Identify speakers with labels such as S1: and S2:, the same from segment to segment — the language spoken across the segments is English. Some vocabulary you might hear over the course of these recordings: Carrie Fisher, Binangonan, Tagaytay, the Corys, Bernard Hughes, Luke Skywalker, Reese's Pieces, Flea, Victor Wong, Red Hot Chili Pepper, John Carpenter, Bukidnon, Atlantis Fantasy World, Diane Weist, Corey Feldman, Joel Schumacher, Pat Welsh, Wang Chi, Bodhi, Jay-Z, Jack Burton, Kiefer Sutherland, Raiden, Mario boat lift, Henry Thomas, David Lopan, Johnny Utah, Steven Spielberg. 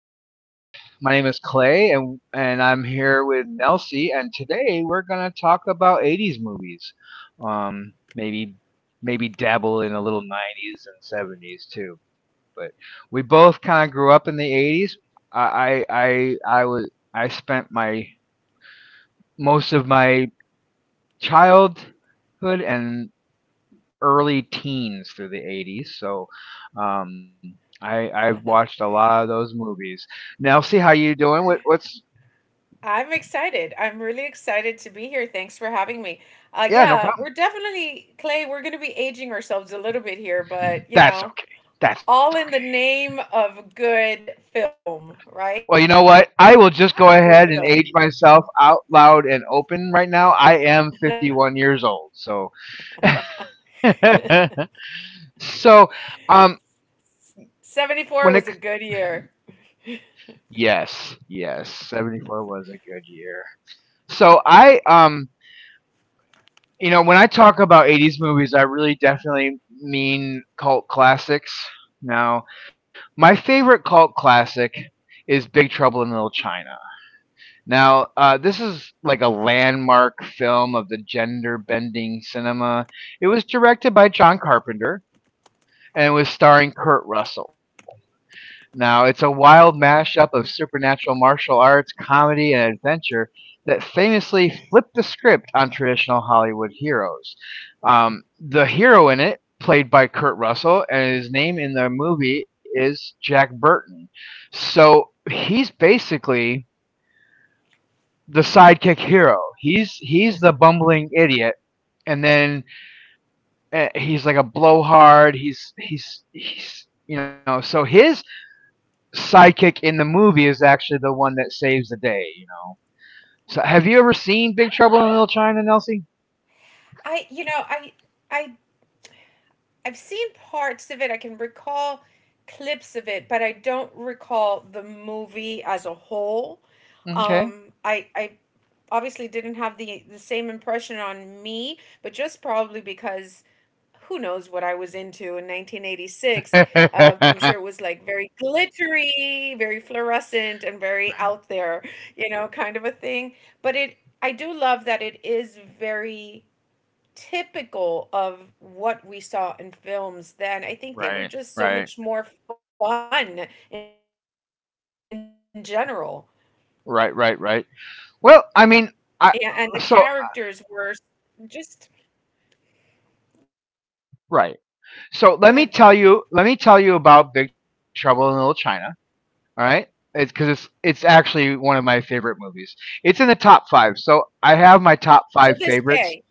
S1: everybody. My name is Clay, and I'm here with Nelsie, and today we're gonna talk about '80s movies. Um, maybe maybe dabble in a little '90s and '70s too. But we both kind of grew up in the '80s. I spent my most of my childhood and early teens through the '80s. So um, I've watched a lot of those movies. Nelsie, how you doing? What what's
S2: I'm excited. I'm really excited to be here. Thanks for having me. Uh,
S1: Yeah, no
S2: yeah,
S1: problem.
S2: we're definitely, Clay, we're going to be aging ourselves a little bit here, but you
S1: That's
S2: know,
S1: okay. That's okay.
S2: all in the name of good film,
S1: Well,
S2: right?
S1: you know
S2: All
S1: what?
S2: in the
S1: I will
S2: name of
S1: just go
S2: good
S1: ahead and
S2: film.
S1: age myself out loud and open right now. I am 51 years old. So, so um, when it
S2: 74 was a good year.
S1: yes, yes, 74 was a good year. So when I talk about '80s movies, I really definitely mean cult classics. Now, my favorite cult classic is Big Trouble in Little China. Now, this is like a landmark film of the gender bending cinema. It was directed by John Carpenter and was starring Kurt Russell. Now, it's a wild mashup of supernatural martial arts, comedy, and adventure that famously flipped the script on traditional Hollywood heroes. The hero in it, played by Kurt Russell, and his name in the movie is Jack Burton. So he's basically the sidekick hero. He's the bumbling idiot, and then he's like a blowhard. He's. So his sidekick in the movie is actually the one that saves the day. So, have you ever seen Big Trouble in Little China, Nelsie?
S2: I, you know, I, I I've seen parts of it. I can recall clips of it, but I don't recall the movie as a whole.
S1: Okay.
S2: I obviously didn't have the same impression on me, but just probably because who knows what I was into in 1986. I'm sure it was like very glittery, very fluorescent, and very out there, you know, kind of a thing. But it, I do love that it is very typical of what we saw in films then. I think they were
S1: Right,
S2: just so
S1: right,
S2: much more fun in general.
S1: right, right, right.
S2: Yeah, and the
S1: Well, I
S2: characters
S1: mean,
S2: were
S1: I so
S2: just yeah, go ahead.
S1: right. So let me tell you about Big Trouble in Little China. All right, it's because it's actually one of my favorite movies. It's in the top five, so I have my
S2: To this
S1: top five
S2: day.
S1: favorites.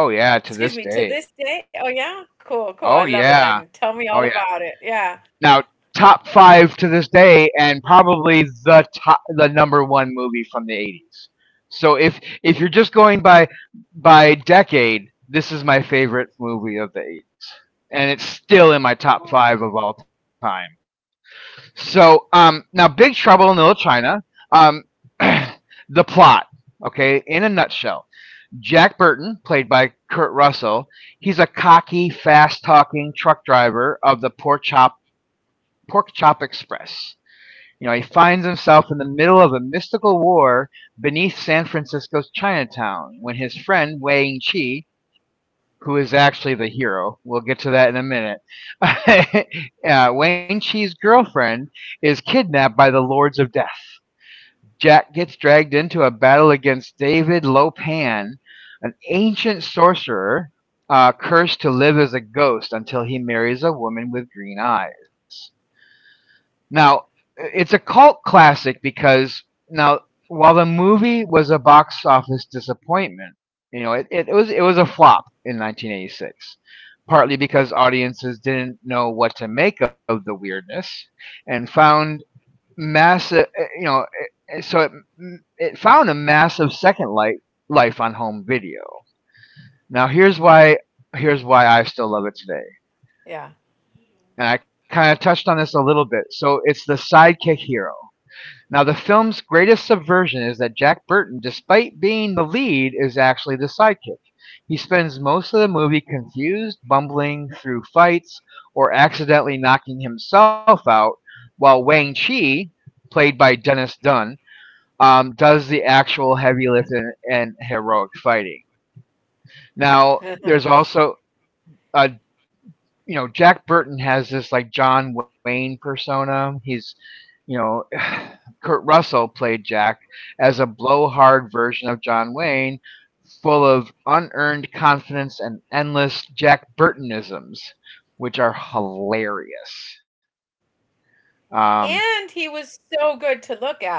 S1: Oh
S2: me,
S1: yeah,
S2: to
S1: to
S2: this
S1: this
S2: day? Oh
S1: day.
S2: yeah? Cool, cool. I love it then.
S1: Oh
S2: Tell me all
S1: yeah,
S2: about it.
S1: oh yeah.
S2: Yeah.
S1: Now, top five to this day, and probably the number one movie from the '80s. So if you're just going by decade, this is my favorite movie of the '80s, and it's still in my
S2: Oh.
S1: top five of all time. So now, Big Trouble in Little China. Um, the plot, okay, in a nutshell. Jack Burton, played by Kurt Russell, he's a cocky, fast-talking truck driver of the Pork Chop Express. You know, he finds himself in the middle of a mystical war beneath San Francisco's Chinatown when his friend Wang Chi, who is actually the hero, we'll get to that in a minute, Wang Chi's girlfriend is kidnapped by the Lords of Death. Jack gets dragged into a battle against David Lopan, an ancient sorcerer cursed to live as a ghost until he marries a woman with green eyes. Now, it's a cult classic because now, while the movie was a box office disappointment, you know, it was a flop in 1986, partly because audiences didn't know what to make of the weirdness, and found massive, you know, so it found a massive second life on home video. Now here's why I still love it today.
S2: Yeah.
S1: And I kind of touched on this a little bit. So it's the sidekick hero. Now the film's greatest subversion is that Jack Burton, despite being the lead, is actually the sidekick. He spends most of the movie confused, bumbling through fights, or accidentally knocking himself out, while Wang Chi, played by Dennis Dunn, does the actual heavy lifting and heroic fighting. Now, there's also a you know Jack Burton has this like John Wayne persona. He's you know Kurt Russell played Jack as a blowhard version of John Wayne, full of unearned confidence and endless Jack Burtonisms, which are hilarious.
S2: And he
S1: Um,
S2: was so good to look at too.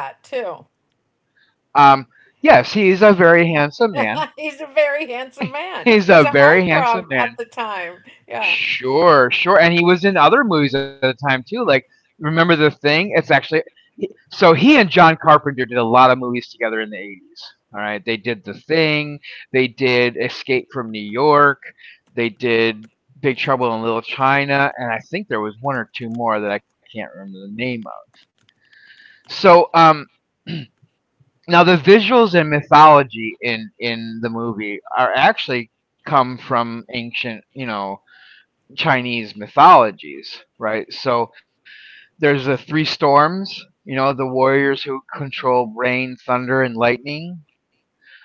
S1: um, yes, he's a very handsome man.
S2: He's a very handsome man. He was a
S1: He's a very
S2: heartthrob
S1: handsome
S2: at the
S1: man.
S2: time. Yeah.
S1: Sure, sure. And he was in other movies at the time too. Like, remember the thing? It's actually so he and John Carpenter did a lot of movies together in the '80s. All right. They did The Thing, they did Escape from New York, they did Big Trouble in Little China, and I think there was one or two more that I can't remember the name of. So, now the visuals and mythology in the movie are actually come from ancient, you know, Chinese mythologies, right? So there's the three storms, you know, the warriors who control rain, thunder, and lightning.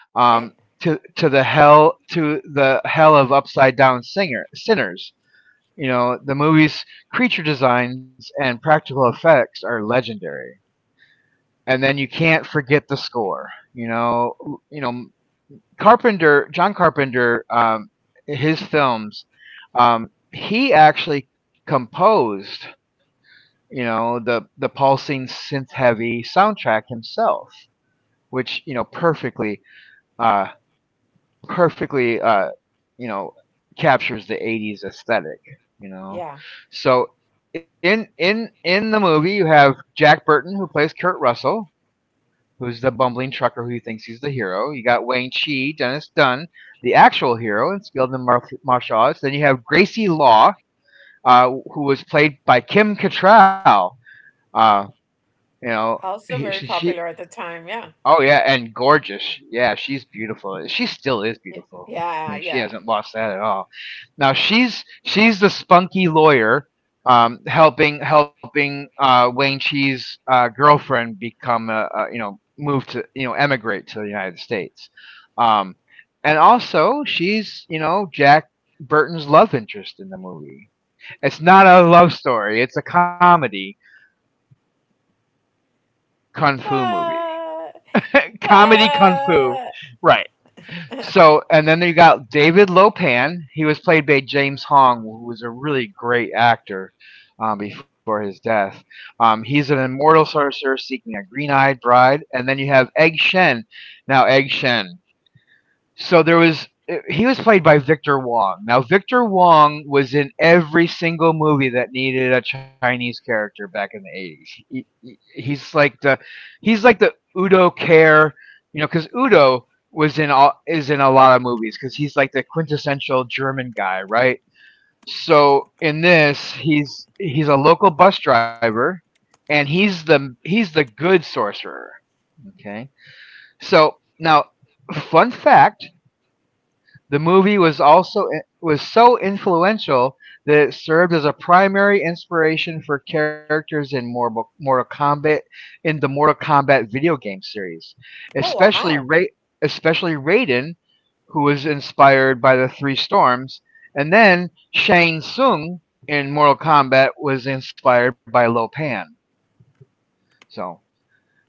S2: All right.
S1: Um, to the hell of upside down singer sinners. You know, the movie's creature designs and practical effects are legendary. And then you can't forget the score. You know, you know John Carpenter, his films, um, he actually composed the pulsing synth heavy soundtrack himself, which uh perfectly you know captures the '80s aesthetic. you
S2: Yeah.
S1: know so in the movie, you have Jack Burton, who plays Kurt Russell, who's the bumbling trucker who thinks he's the hero. You got Wayne Chi, Dennis Dunn, the actual hero and skilled in martial arts. Then you have Gracie Law, who was played by Kim Cattrall, uh, you know
S2: Also
S1: he,
S2: very
S1: she
S2: popular at the time, yeah.
S1: oh yeah, and gorgeous. Yeah, she's beautiful. She still is
S2: Yeah,
S1: beautiful. I
S2: yeah,
S1: mean, she
S2: yeah.
S1: hasn't lost that at all. Now she's the spunky lawyer, helping Wayne Chi's girlfriend become, you know move to you know emigrate to the United States, um, and also she's, Jack Burton's love interest in the movie. It's not a love story. It's a comedy kung fu movie.
S2: But
S1: Comedy kung fu.
S2: but
S1: Right. So, and then you got David Lopan. He was played by James Hong, who was a really great actor before his death. He's an immortal sorcerer seeking a green eyed bride. And then you have Egg Shen. Now, Egg Shen, so there was he was played by Victor Wong. Now Victor Wong was in every single movie that needed a Chinese character back in the '80s. He's like the Udo Care, you know, cuz Udo was in all is in a lot of movies cuz he's like the quintessential German guy, right? So in this, he's a local bus driver, and he's the good sorcerer, okay? So now, fun fact, the movie was so influential that it served as a primary inspiration for characters in Mortal Kombat in the Mortal Kombat video game series,
S2: oh
S1: especially
S2: wow.
S1: Ra- especially Raiden, who was inspired by the Three Storms, and then Shang Tsung in Mortal Kombat was inspired by Lo Pan. So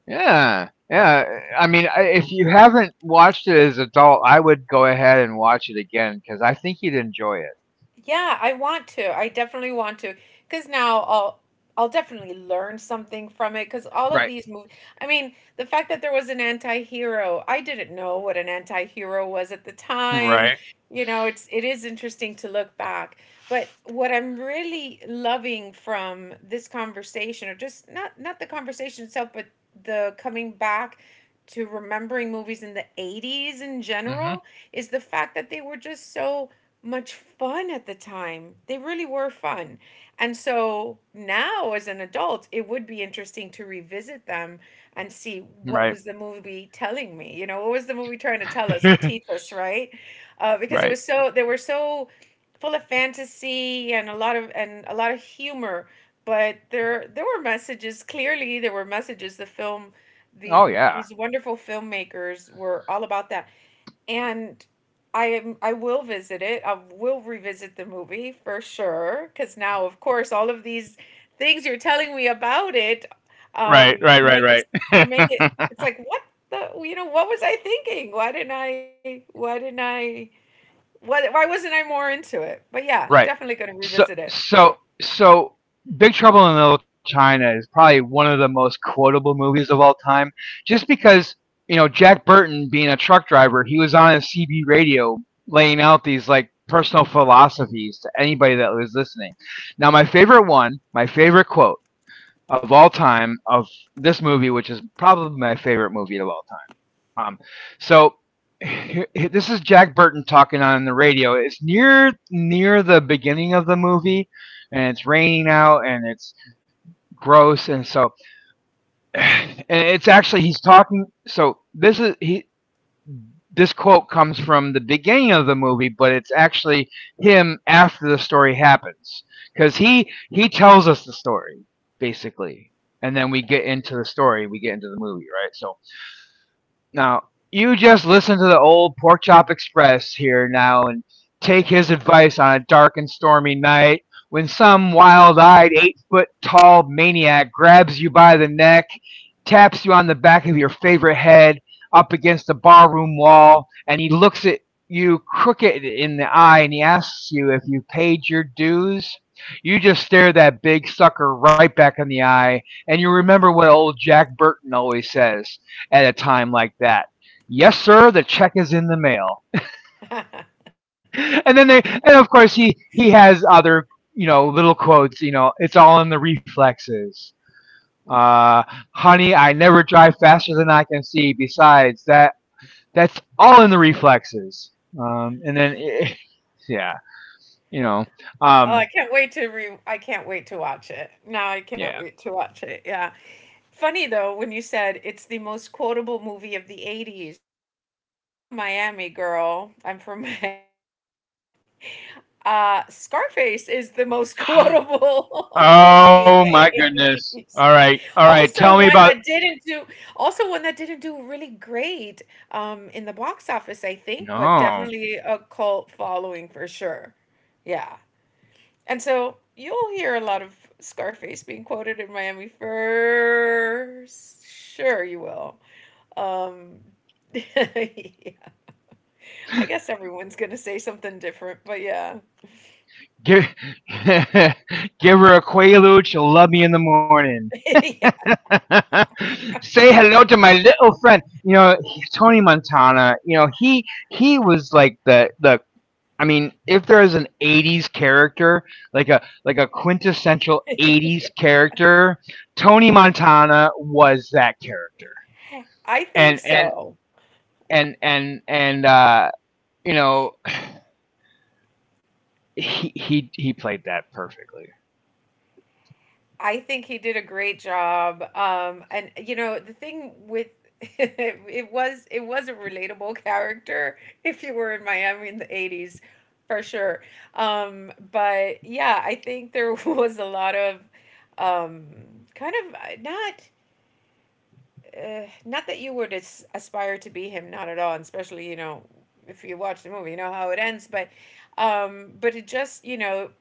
S1: yeah, yeah. I mean, if you haven't watched it as adult, I would go ahead and watch it again because I think you'd enjoy it.
S2: Yeah, I want to. I definitely want to because now I'll definitely learn something from it because
S1: Right.
S2: all of these movies. I mean, the fact that there was an anti-hero, I didn't know what an anti-hero was at the time.
S1: Right.
S2: You know, it's it is interesting to look back. But what I'm really loving from this conversation, or just not the conversation itself, but the coming back to remembering movies in the 80s in
S1: Hmm.
S2: general, is the fact that they were just so much fun at the time. They really were fun. And so now, as an adult, it would be interesting to revisit them and see
S1: Right.
S2: what was the movie telling me. You know, what was the movie trying to tell us or teach us, right? Because it
S1: Right.
S2: was so they were so full of fantasy and a lot of humor. But there were messages. Clearly, there were messages. The film,
S1: Oh
S2: the
S1: yeah.
S2: these wonderful filmmakers were all about that, and I will visit it. I will revisit the movie for sure cuz now of course all of these things you're telling me about it
S1: Right. Right. Right.
S2: make it
S1: Right.
S2: make it, it's like what the you know what was I thinking? Why didn't I What? Why wasn't I more into it? But yeah,
S1: Right.
S2: definitely going to revisit
S1: So
S2: it.
S1: so so Big Trouble in Little China is probably one of the most quotable movies of all time just because, you know, Jack Burton being a truck driver, he was on a CB radio laying out these like personal philosophies to anybody that was listening. Now my favorite one, my favorite quote of all time of this movie, which is probably my favorite movie of all, um, so here, this is Jack Burton talking on the radio. It's near the beginning of the movie, and it's raining out, and it's gross, and so, and it's actually he's talking. So this is he. This quote comes from the beginning of the movie, but it's actually him after the story happens, because he tells us the story, basically, and then we get into the movie, right? So now, you just listen to the old Porkchop Express here now, and take his advice on a dark and stormy night when some wild eyed, 8-foot tall maniac grabs you by the neck, taps you on the back of your favorite head up against the barroom wall, and he looks at you crooked in the eye and he asks you if you paid your dues. You just stare that big sucker right back in the eye, and you remember what old Jack Burton always says at a time like that. Yes, sir, the check is in the mail. And of course, he has other little quotes. You know, it's all in the reflexes. Uh, Honey, I never drive faster than I can see. Besides that, that's all in the reflexes. And then yeah, you know, um,
S2: I can't wait to watch it. Now I can't
S1: yeah.
S2: wait to watch it. Yeah. Funny though when you said it's the most quotable movie of the 80s. Being a Miami girl, I'm from Miami. Scarface is the most quotable movie
S1: Oh
S2: in
S1: my
S2: the
S1: goodness. All
S2: 80s.
S1: right, all right.
S2: Also
S1: Tell me
S2: one
S1: about.
S2: that didn't do Also one that didn't do really great in the box office, I think, but
S1: No.
S2: definitely a cult following for sure. Yeah. And so you'll hear a lot of Scarface being quoted in Miami for sure you will. Um yeah. I guess everyone's gonna say something different, but yeah.
S1: Give Give her a quaalude. She'll love me in the morning.
S2: Yeah.
S1: Say hello to my little friend. You know, Tony Montana. You know, he was like the the. I mean, if there is an '80s character, like a quintessential '80s character, Tony Montana was that character.
S2: I think
S1: And and
S2: so.
S1: and you know, he played that perfectly.
S2: I think he did a great job. And you know, the thing with it was a relatable character if you were in Miami in the 80s for sure. But yeah, I think there was a lot of kind of not that you would as- aspire to be him, not at all, and especially you know if you watch the movie, you know how it ends. But it just you know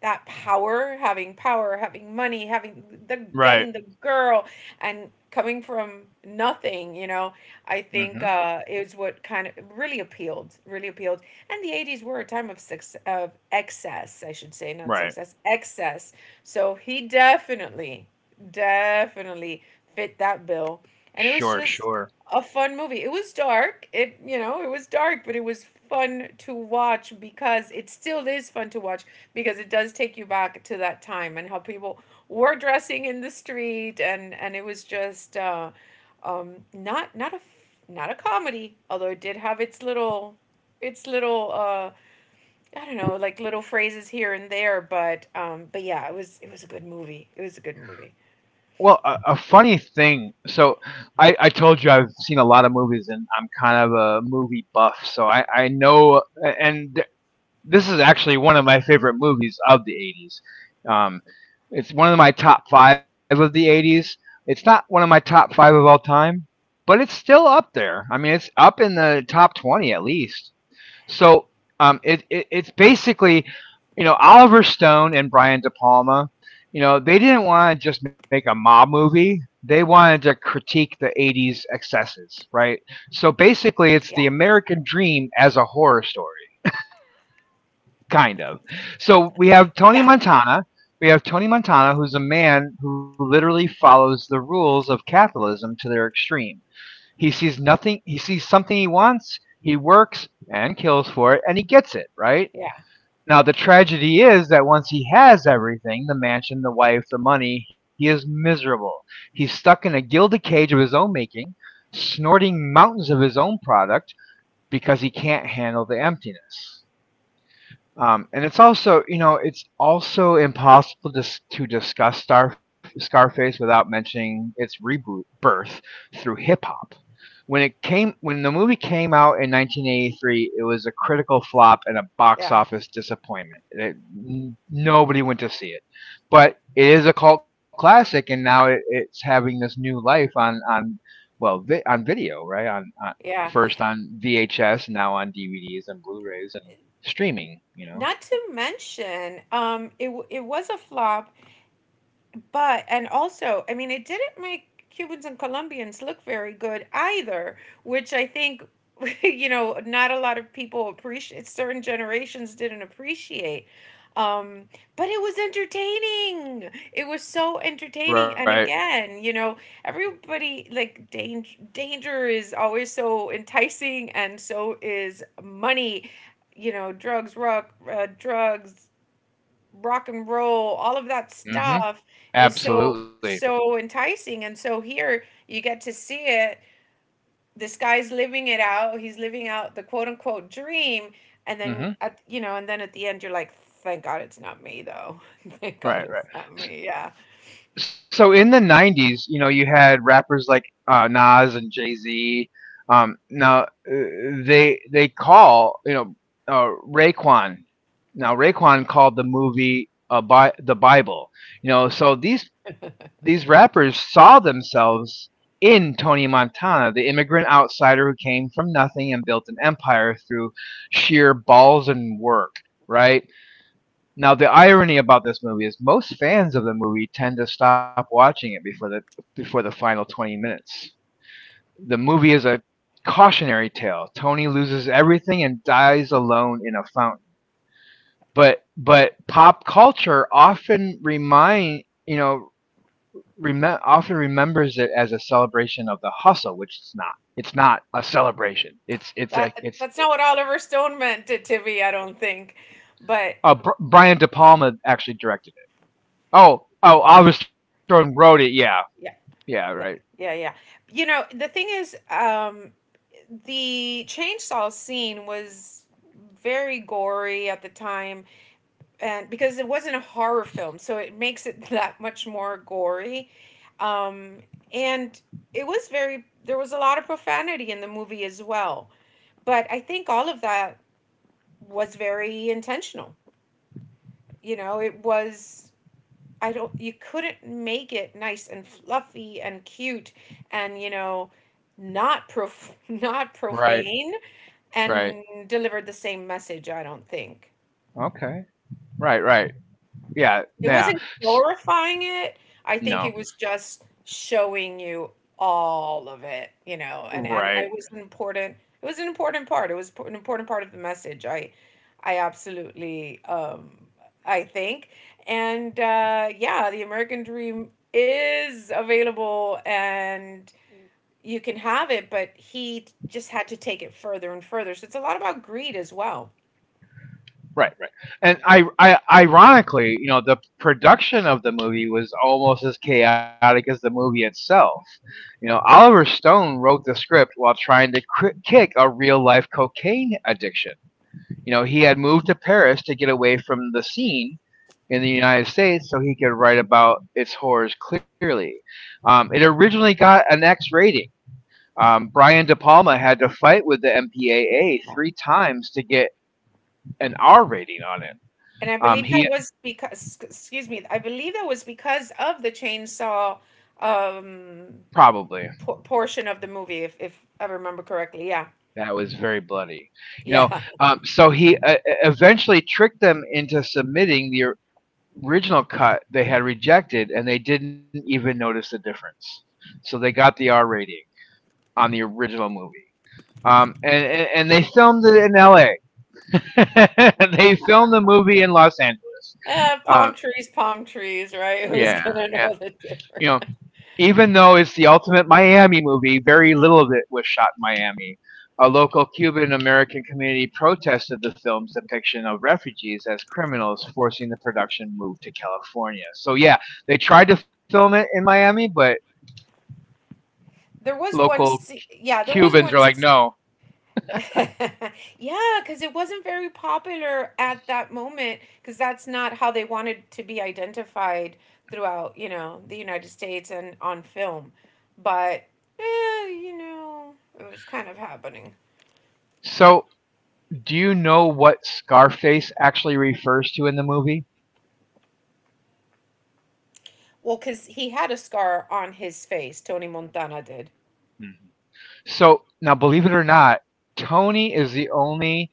S2: that power, having money, having the
S1: Right.
S2: getting the girl, and coming from nothing, you know, I think
S1: Hmm.
S2: is what kind of really appealed, really appealed. And the 80s were a time of success, of excess, I should say, not
S1: Right.
S2: success, excess. So he definitely definitely fit that bill. And it was
S1: Sure,
S2: just
S1: sure.
S2: a fun movie. It was dark. It, you know, it was dark, but it was fun to watch because it still is fun to watch because it does take you back to that time and how people were dressing in the street and it was just not not a comedy, although it did have its little its little uh I don't know, like little phrases here and there, but yeah, it was a good movie. It was a good movie.
S1: Well, a funny thing. So, I told you I've seen a lot of movies, and I'm kind of a movie buff. So I know, and this is actually one of my favorite movies of the '80s. It's one of my top five of the '80s. It's not one of my top five of all time, but it's still up there. I mean, it's up in the top 20 at least. So it's basically, you know, Oliver Stone and Brian De Palma. You know, they didn't want to just make a mob movie. They wanted to critique the '80s excesses, right? So basically, it's
S2: Yeah.
S1: the American Dream as a horror story, kind of. So we have Tony
S2: Yeah,
S1: Montana. We have Tony Montana, who's a man who literally follows the rules of capitalism to their extreme. He sees nothing. He sees something he wants. He works and kills for it, and he gets it, right?
S2: yeah,
S1: Now the tragedy is that once he has everything, the mansion, the wife, the money, he is miserable. He's stuck in a gilded cage of his own making, snorting mountains of his own product because he can't handle the emptiness. And it's also, you know, it's also impossible to discuss Scarface without mentioning its reboot birth through hip hop. When the movie came out in 1983, it was a critical flop and a box
S2: yeah,
S1: office disappointment. Nobody went to see it, but it is a cult classic, and now it's having this new life on video, right? On
S2: yeah.
S1: first on VHS, now on DVDs and Blu-rays and streaming.
S2: Not to mention, it was a flop. But, and also, I mean, it didn't make Cubans and Colombians look very good either, which I think, you know, not a lot of people appreciate, certain generations didn't appreciate. Um, but it was entertaining. It was so entertaining.
S1: Right.
S2: And again, you know, everybody like danger, danger is always so enticing, and so is money. You know, drugs, rock and roll, all of that
S1: Mhm.
S2: stuff is
S1: Absolutely.
S2: so enticing. And so here you get to see it. This guy's living it out. He's living out the quote unquote dream. And then
S1: Mhm.
S2: at you know, and then at the end you're like, thank God it's not me though. Thank God
S1: Right,
S2: it's
S1: right.
S2: not me. Yeah.
S1: So in the 90s, you know, you had rappers like, Nas and Jay-Z. Now, they call, Raekwon, now Raekwon called the movie a Bi the Bible. You know, so these rappers saw themselves in Tony Montana, the immigrant outsider who came from nothing and built an empire through sheer balls and work, right? Now, the irony about this movie is most fans of the movie tend to stop watching it before the final 20 minutes. The movie is a cautionary tale. Tony loses everything and dies alone in a fountain. But pop culture often remind you know rem- often remembers it as a celebration of the hustle, which it's not. It's not a celebration. It's it's a
S2: That
S1: it's.
S2: that's not what Oliver Stone meant to be, I don't think. But
S1: Brian De Palma actually directed it. Oh, Oliver Stone wrote it. Yeah,
S2: yeah,
S1: yeah, right.
S2: yeah, yeah, yeah. You know, the thing is, the chainsaw scene was very gory at the time, and because it wasn't a horror film so it makes it that much more gory, um, and it was very there was a lot of profanity in the movie as well, but I think all of that was very intentional. You know, it was, I don't, you couldn't make it nice and fluffy and cute and you know not prof- not
S1: Right,
S2: profane
S1: right.
S2: and delivered the same message, I don't think.
S1: Okay. Right, right. Yeah,
S2: It
S1: yeah.
S2: wasn't glorifying it. I think
S1: No.
S2: it was just showing you all of it, you know, and
S1: Right.
S2: it was an important, it was an important part. It was po- an important part of the message. I absolutely I think. And yeah, the American Dream is available and you can have it, but he just had to take it further and further. So it's a lot about greed as well.
S1: Right, right. And I ironically, you know, the production of the movie was almost as chaotic as the movie itself. You know, Oliver Stone wrote the script while trying to kick a real-life cocaine addiction. You know, he had moved to Paris to get away from the scene in the United States so he could write about its horrors clearly. It originally got an X rating. Brian De Palma had to fight with the MPAA three times to get an R rating on it.
S2: And I believe that
S1: He
S2: was because, excuse me, I believe that was because of the chainsaw um,
S1: probably
S2: portion of the movie, if I remember correctly. Yeah.
S1: that was very bloody, you know.
S2: Yeah.
S1: So he eventually tricked them into submitting the original cut they had rejected, and they didn't even notice the difference. So they got the R rating on the original movie. And they filmed it in L.A. They filmed the movie in Los Angeles.
S2: Palm
S1: Um,
S2: trees, palm trees, right? Who's
S1: yeah,
S2: gonna know
S1: yeah.
S2: the
S1: You
S2: difference?
S1: know, Even though it's the ultimate Miami movie, very little of it was shot in Miami. A local Cuban American community protested the film's depiction of refugees as criminals, forcing the production move to California. So yeah, they tried to film it in Miami, but
S2: There was one,
S1: local
S2: sce- Yeah, there was
S1: Cubans are
S2: one,
S1: like, no.
S2: yeah, because it wasn't very popular at that moment, because that's not how they wanted to be identified throughout, you know, the United States and on film. But, you know, it was kind of happening.
S1: So do you know what Scarface actually refers to in the movie?
S2: Well, because he had a scar on his face, Tony Montana did.
S1: Mhm. So now, believe it or not, Tony is the only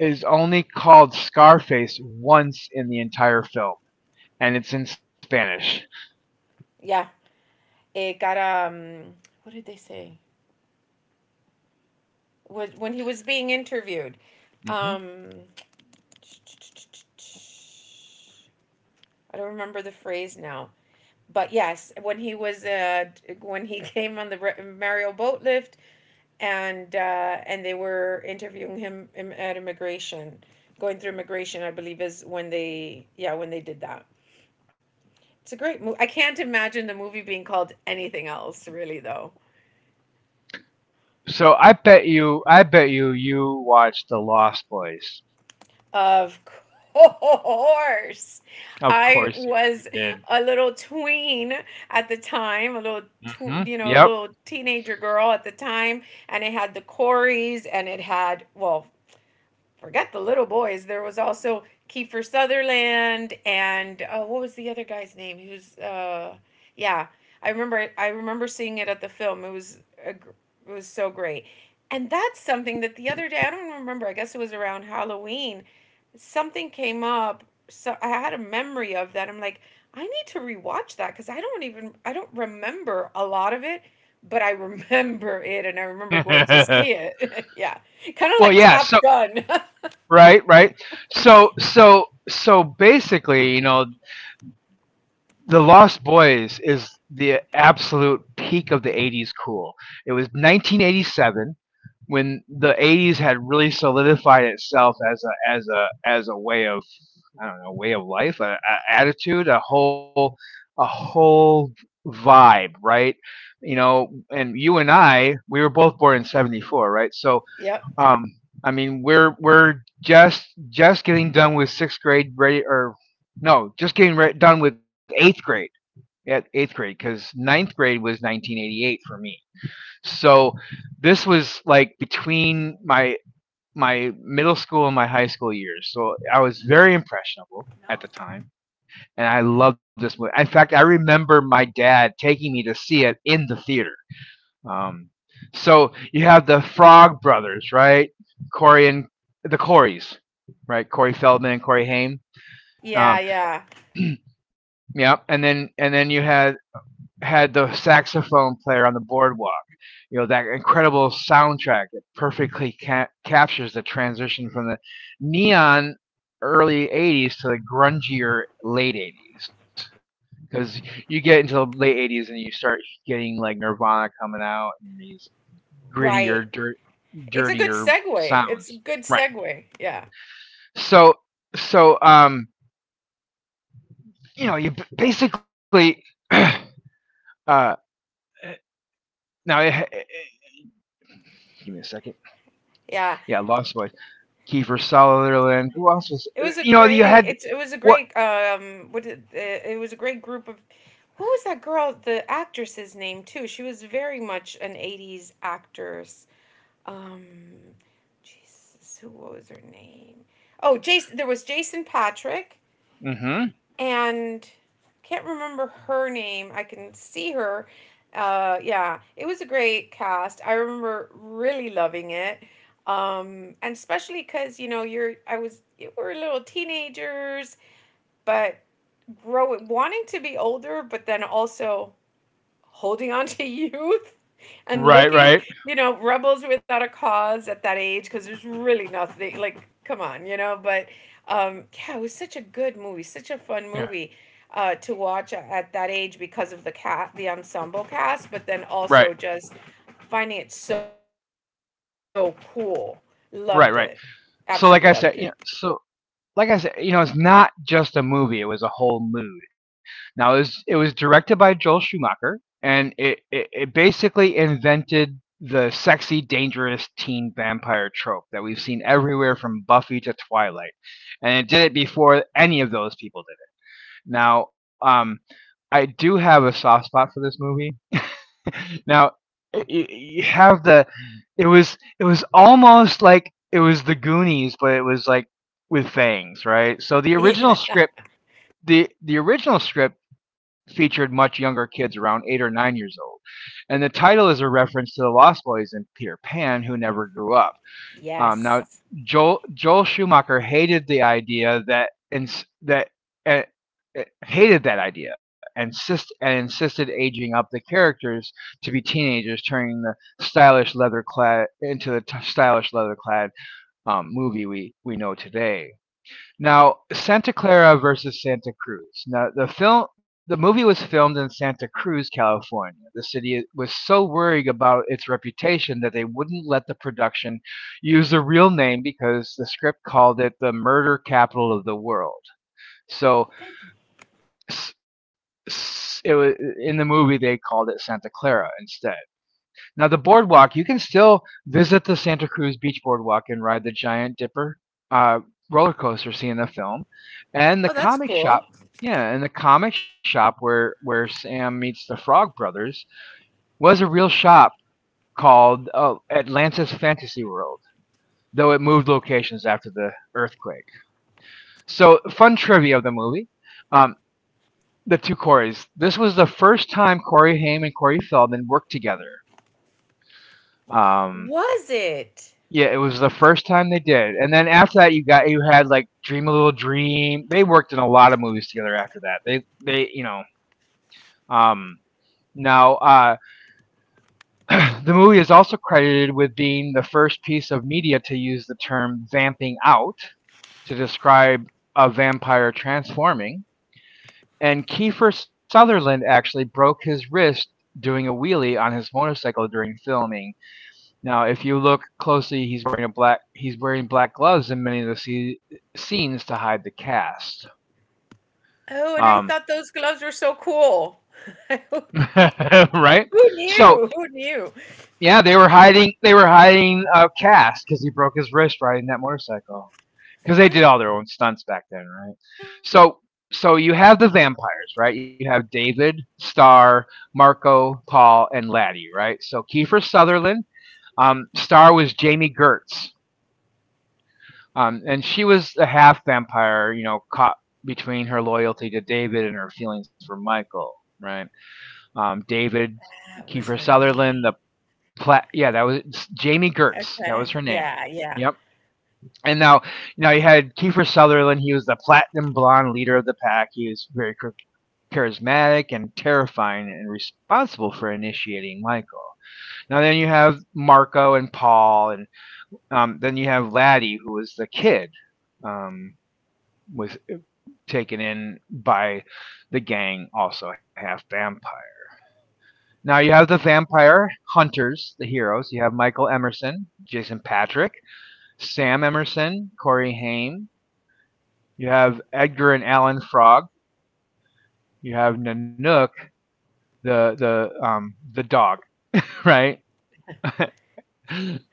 S1: is only called Scarface once in the entire film, and it's in Spanish.
S2: Yeah, it got, what did they say? Was when he was being interviewed.
S1: Hmm.
S2: Um, I don't remember the phrase now, but yes, when he was when he came on the Mario boat lift, and they were interviewing him at immigration, going through immigration, I believe is when they yeah when they did that. It's a great movie. I can't imagine the movie being called anything else really though.
S1: So I bet you, you watched The Lost Boys.
S2: Of course, Horse.
S1: Of
S2: I
S1: course you
S2: was
S1: did.
S2: a little tween at the time, a little
S1: Hmm.
S2: you know, a
S1: Yep.
S2: little teenager girl at the time, and it had the Corys, and it had, well, forget the little boys. There was also Kiefer Sutherland and what was the other guy's name? He was yeah. I remember seeing it at the film. It was so great. And that's something that the other day I don't remember. I guess it was around Halloween. Something came up. So I had a memory of that. I'm like, I need to rewatch that because I don't even I don't remember a lot of it, but I remember it and I remember going to see it. Yeah, kind of
S1: Well,
S2: like
S1: yeah.
S2: Top
S1: So
S2: Gun.
S1: right, right. So, basically, you know, The Lost Boys is the absolute peak of the 80s cool. It was 1987 when the 80s had really solidified itself as a as a as a way of I don't know, way of life, a attitude, a whole vibe, right? You know, and you and I, we were both born in 74, right? So,
S2: Yep.
S1: um I mean, we're just getting done with 6th grade ready or no, just getting done with 8th grade at eighth grade because ninth grade was 1988 for me. So this was like between my middle school and my high school years. So I was very impressionable at the time, and I loved this movie. In fact, I remember my dad taking me to see it in the theater. Um, so you have the Frog Brothers, right? Corey and The Coreys, right? Corey Feldman and Corey Haim.
S2: Yeah,
S1: Um,
S2: yeah.
S1: yeah, and then you had the saxophone player on the boardwalk. You know that incredible soundtrack that perfectly captures the transition from the neon early '80s to the grungier late '80s. Because you get into the late '80s and you start getting like Nirvana coming out and these grittier,
S2: Right.
S1: dir-
S2: It's a good
S1: dirtier
S2: segue. It's a
S1: sounds.
S2: good
S1: Right.
S2: segue. Yeah.
S1: So, so, you basically uh, now. Give me a second.
S2: Yeah.
S1: Yeah, I lost my Kiefer Sutherland. Who else was? You had
S2: It was a
S1: what?
S2: great it was a great group of, what was that girl, the actress's name too? She was very much an 80s actress. Um Jesus, who what was her name? Oh, Jason there was Jason Patrick
S1: Mm-hmm.
S2: and I can't remember her name. I can see her. Yeah, it was a great cast. I remember really loving it. And especially because, we were little teenagers, but grow wanting to be older, but then also holding on to youth and
S1: Right,
S2: looking,
S1: right.
S2: rebels without a cause at that age because there's really nothing like, come on. But yeah, it was such a good movie, such a fun
S1: Yeah.
S2: movie to watch at that age because of the ensemble cast, but then
S1: Right,
S2: also just finding it so cool. Loved it,
S1: right, right.
S2: absolutely loved it.
S1: So, like I said, you know, so like I said, it's not just a movie; it was a whole mood. Now, it was directed by Joel Schumacher, and it basically invented the sexy, dangerous teen vampire trope that we've seen everywhere from Buffy to Twilight, and it did it before any of those people did it. Now, I do have a soft spot for this movie. Now you have the it was almost like it was the Goonies, but it was like with fangs, right? So the original
S2: Yeah.
S1: script the the original script featured much younger kids around 8 or 9 years old, and the title is a reference to the Lost Boys and Peter Pan, who never grew up. Now,
S2: Yes.
S1: Joel Schumacher hated the idea that uh, hated that idea and insisted aging up the characters to be teenagers, turning the stylish leather clad into the stylish leather clad movie we know today. Now, Santa Clara versus Santa Cruz. Now, the movie was filmed in Santa Cruz, California. The city was so worried about its reputation that they wouldn't let the production use a real name because the script called it the murder capital of the world. So in the movie they called it Santa Clara instead. Now the boardwalk, you can still visit the Santa Cruz Beach Boardwalk and ride the Giant Dipper uh, roller coaster seen in the film, and the
S2: Oh, that's
S1: comic shop.
S2: cool.
S1: Yeah, and the comic shop where Sam meets the Frog Brothers was a real shop called Atlantis Fantasy World, though it moved locations after the earthquake. So, fun trivia of the movie, um, the 2 Corys. This was the first time Corey Haim and Corey Feldman worked together. Um,
S2: Was it?
S1: yeah, it was the first time they did, and then after that, you had like Dream a Little Dream. They worked in a lot of movies together after that. They you know um, now The movie is also credited with being the first piece of media to use the term vamping out to describe a vampire transforming. And Kiefer Sutherland actually broke his wrist doing a wheelie on his motorcycle during filming. Now, if you look closely, he's wearing black gloves in many of the scenes to hide the cast.
S2: Oh, and I
S1: Um,
S2: thought those gloves were so cool. Who knew?
S1: right?
S2: Who
S1: So
S2: knew? Who knew?
S1: yeah, they were hiding Cass because he broke his wrist riding that motorcycle. Because they did all their own stunts back then, right? So, so, you have the vampires, right? You have David, Star, Marco, Paul, and Laddie, right? So Kiefer Sutherland. Star was Jamie Gertz, and she was a half vampire, you know, caught between her loyalty to David and her feelings for Michael, right? David
S2: That was
S1: Kiefer
S2: her
S1: Sutherland, the
S2: name.
S1: Yeah, that was Jamie Gertz. That
S2: Okay.
S1: was her name.
S2: Yeah, yeah.
S1: Yep. And now, you had Kiefer Sutherland. He was the platinum blonde leader of the pack. He was very charismatic and terrifying, and responsible for initiating Michael. Now then you have Marco and Paul, and then you have Laddie, who was the kid, um, was taken in by the gang, also half vampire. Now you have the vampire hunters, the heroes. You have Michael Emerson, Jason Patrick, Sam Emerson, Corey Haim. You have Edgar and Alan Frog. You have Nanook, the dog, right? and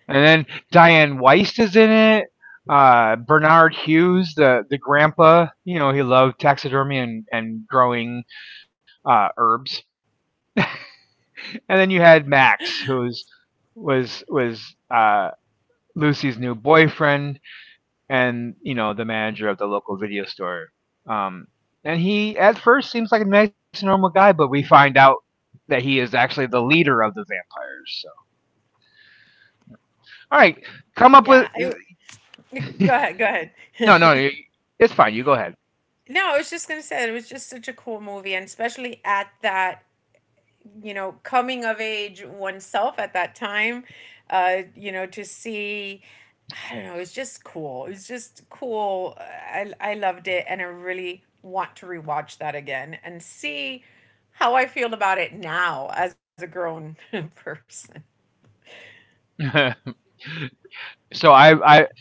S1: then Diane Weist is in it. Bernard Hughes, the grandpa, you know, he loved taxidermy and growing herbs. And then you had Max, who's was Lucy's new boyfriend and you know the manager of the local video store. Um, and he at first seems like a nice and normal guy, but we find out that he is actually the leader of the vampires. So, all right, come up with
S2: Yeah. Go ahead, go ahead.
S1: no, no, it's fine. You go ahead.
S2: No, I was just gonna say it was just such a cool movie, and especially at that, coming of age oneself at that time, to see. I don't know. It was just cool. It was just cool. I loved it, and I really want to rewatch that again and see how I feel about it now as a grown person.
S1: So
S2: And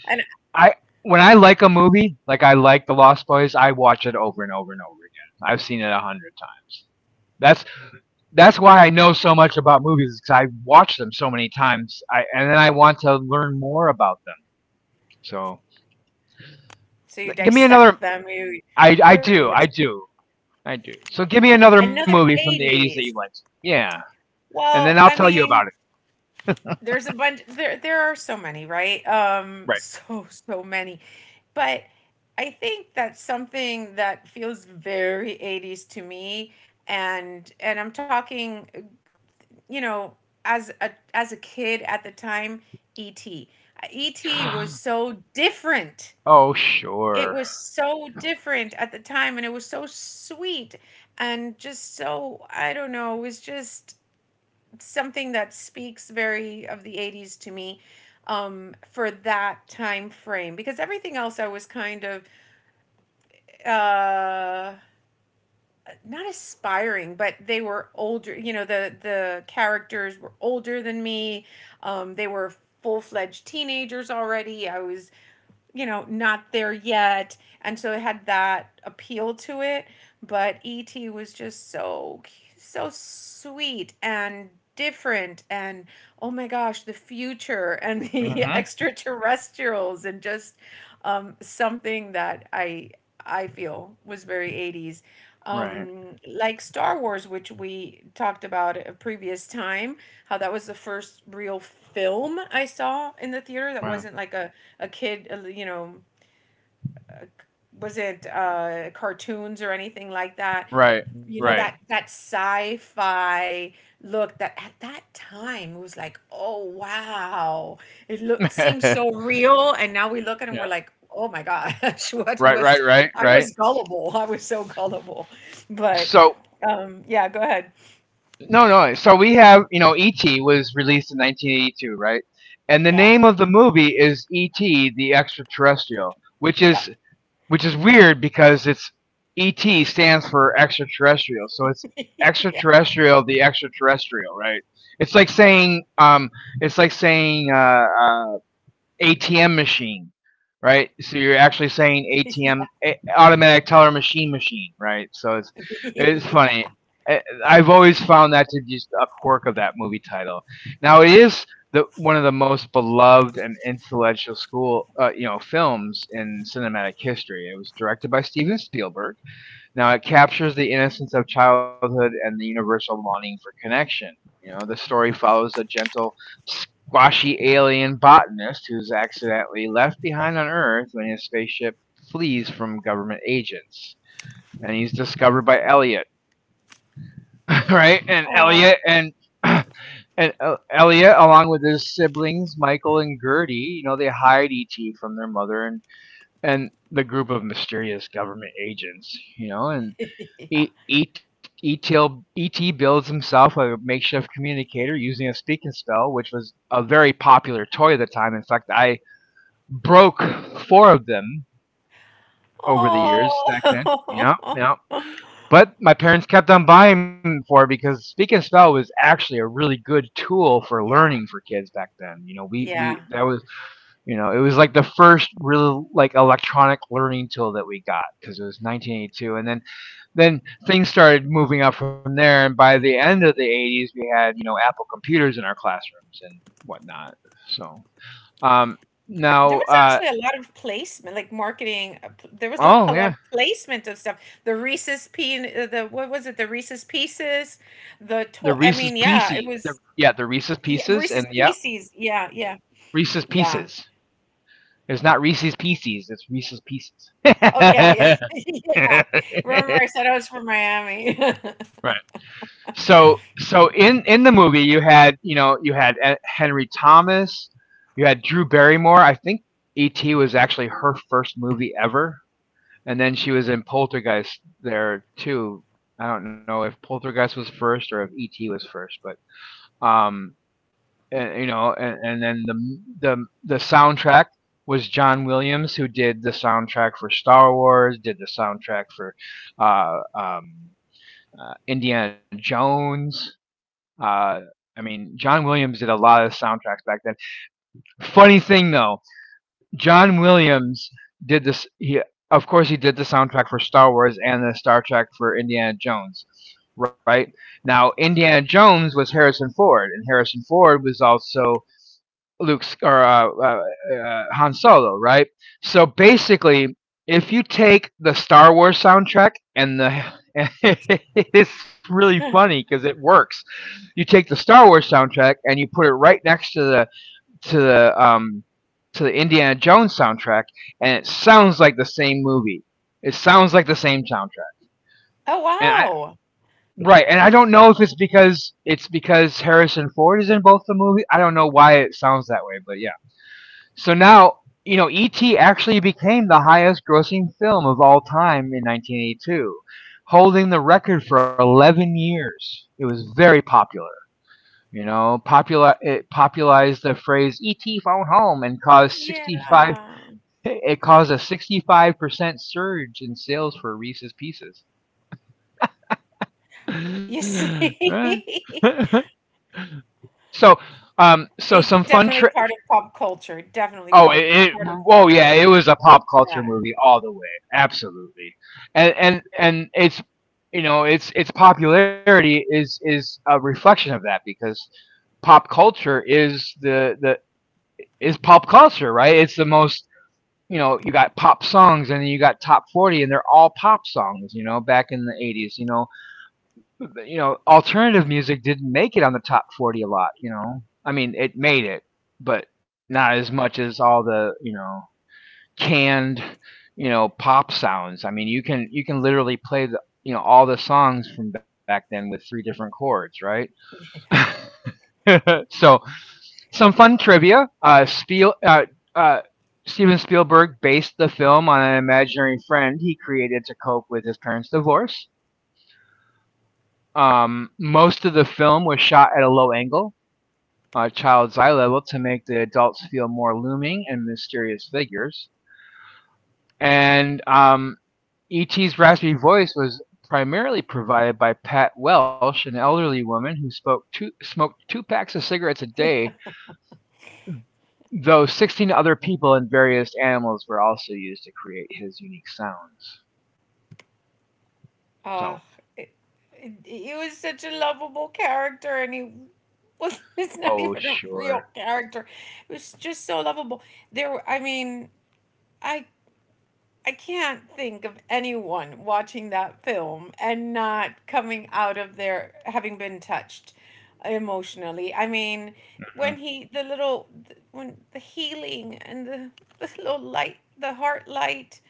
S1: I, when I like a movie, like I like The Lost Boys, I watch it over and over and over again. I've seen it a hundred times. That's why I know so much about movies because I watch them so many times. I and then I want to learn more about them. So
S2: so you
S1: like, give me
S2: dissect
S1: another.
S2: them. You
S1: I I
S2: pretty much
S1: do I do I do. So give me another movie
S2: another
S1: from the '80s that you
S2: eighties.
S1: liked. Yeah, and then
S2: Well,
S1: I'll
S2: I
S1: tell you about
S2: mean,
S1: it.
S2: there's a bunch, there are so many, right? So many. But I think that's something that feels very 80s to me, and I'm talking, you know, as a kid at the time, E. T. E. T. was
S1: Right.
S2: so different.
S1: Oh
S2: It
S1: sure.
S2: was so different at the time, and it was so sweet and just so I don't know, it was just something that speaks very of the 80s to me, for that time frame because everything else I was kind of uh, not aspiring, but they were older. You know, the characters were older than me. They were full fledged teenagers already. I was, not there yet, and so it had that appeal to it. But ET was just so sweet and different and oh my gosh the future and the
S1: Mm-hmm.
S2: extraterrestrials and just something that I feel was very 80s.
S1: Right.
S2: Like Star Wars, which we talked about a previous time, how that was the first real film I saw in the theater that
S1: Right.
S2: wasn't like a kid, was it cartoons or anything like that?
S1: Right.
S2: You know
S1: Right.
S2: that that sci-fi look, that at that time it was like, oh wow, it looked seems so real, and now we look at it and we're
S1: yeah.
S2: like, oh my gosh, what
S1: Right.
S2: was
S1: Right. Right.
S2: I was
S1: Right.
S2: gullible, I was so gullible, but
S1: So
S2: yeah, go ahead,
S1: no, no. So we have you know E.T. was released in 1982, right? And the
S2: yeah,
S1: name of the movie is E.T. the Extraterrestrial, which
S2: Yep. Yeah,
S1: is weird because it's E.T. stands for extraterrestrial, so it's extraterrestrial, the extraterrestrial, right? It's like saying, it's like saying, uh, uh, ATM machine, right? So you're actually saying ATM automatic teller machine machine, right? So it's
S2: yeah.
S1: funny. I've always found that to be just a quirk of that movie title. Now it is the one of the most beloved and influential school you know films in cinematic history. It was directed by Steven Spielberg now it captures the innocence of childhood and the universal longing for connection. You know, the story follows a gentle, squashy alien botanist who's accidentally left behind on Earth when his spaceship flees from government agents, and he's discovered by Elliot, right? And Elliot
S2: Oh
S1: and and Elliot, along with his siblings Michael and Gertie, you know, they hide E.T. from their mother and the group of mysterious government agents, you know, and
S2: yeah.
S1: E- E- E-T-L- E T builds himself a makeshift communicator using a speak and spell, which was a very popular toy at the time. In fact, I broke four of them over the years back then. Yeah,
S2: Oh
S1: yeah. But my parents kept on buying for because speak and spell was actually a really good tool for
S2: yeah,
S1: learning for kids back then. You know, we
S2: yeah.
S1: we that was you know, it was like the first real like electronic learning tool that we got because it was 1982, and then then things started moving up from there. And by the end of the 80s, we had you know Apple computers in our classrooms and whatnot. So um,
S2: There
S1: now,
S2: was
S1: uh,
S2: actually a lot of placement, like marketing. There was
S1: oh
S2: a lot
S1: yeah,
S2: of placement of stuff. The Reese's pin, the what was it? The Reese's Pieces, the toy. I mean, yeah, it was
S1: The Reese's
S2: yeah,
S1: Pieces, and
S2: Reese's
S1: yeah,
S2: Pieces. Yeah, yeah,
S1: Reese's
S2: yeah.
S1: Pieces. It's not Reese's Pieces, it's Reese's Pieces.
S2: Oh yeah, yeah, yeah. Remember, I said I was from Miami.
S1: right. So in the movie you had you know you had Henry Thomas, you had Drew Barrymore. I think E.T. was actually her first movie ever, and then she was in Poltergeist there too. I don't know if Poltergeist was first or if E.T. was first, but um, and, you know, and then the the soundtrack was John Williams who did the soundtrack for Star Wars, did the soundtrack for uh, um, Indiana Jones uh, I mean, John Williams did a lot of soundtracks back then. Funny thing though, John Williams did this. He, of course, he did the soundtrack for Star Wars and the Star Trek for Indiana Jones. Right now, Indiana Jones was Harrison Ford, and Harrison Ford was also Luke's or Han Solo, right? So basically, if you take the Star Wars soundtrack and the it's really funny because it works. You take the Star Wars soundtrack and you put it right next to the to the um to the Indiana Jones soundtrack, and it sounds like the same movie. It sounds like the same soundtrack.
S2: Oh
S1: And I
S2: wow.
S1: right, and I don't know if it's because Harrison Ford is in both the movie. I don't know why it sounds that way, but yeah. So now, you know, E.T. actually became the highest grossing film of all time in 1982, holding the record for 11 years. It was very popular. You know, popularized the phrase "E.T. phone home" and caused 65.
S2: Yeah.
S1: It caused a 65% surge in sales for Reese's Pieces.
S2: You
S1: right.
S2: see,
S1: so, so some
S2: it's
S1: fun
S2: definitely
S1: tri
S2: part of pop culture. Definitely
S1: Oh,
S2: part
S1: it,
S2: of
S1: it.
S2: part of
S1: Oh,
S2: pop
S1: yeah. It
S2: culture.
S1: was a pop culture
S2: Yeah.
S1: movie all the way. Absolutely, and it's you know its popularity is a reflection of that because pop culture is the is pop culture, right? It's the most you know you got pop songs and you got top 40 and they're all pop songs you know back in the 80s you know alternative music didn't make it on the top 40 a lot you know I mean it made it but not as much as all the you know canned, you know, pop sounds. I mean, you can literally play the you know all the songs from back then with three different chords, right? so, some fun trivia. Uh, Steven Spielberg based the film on an imaginary friend he created to cope with his parents' divorce. Most of the film was shot at a low angle, child's eye level, to make the adults feel more looming and mysterious figures. And E.T.'s raspy voice was primarily provided by Pat Welsh, an elderly woman who smoked two packs of cigarettes a day, though 16 other people and various animals were also used to create his unique sounds.
S2: Ah,
S1: So,
S2: it, he was such a lovable character, and he was. It's not
S1: oh,
S2: even a
S1: sure.
S2: real character. It was just so lovable. There, I mean, I I can't think of anyone watching that film and not coming out of there having been touched emotionally. I mean, when
S1: Mhm.
S2: he the little when the healing and the little light, the heart light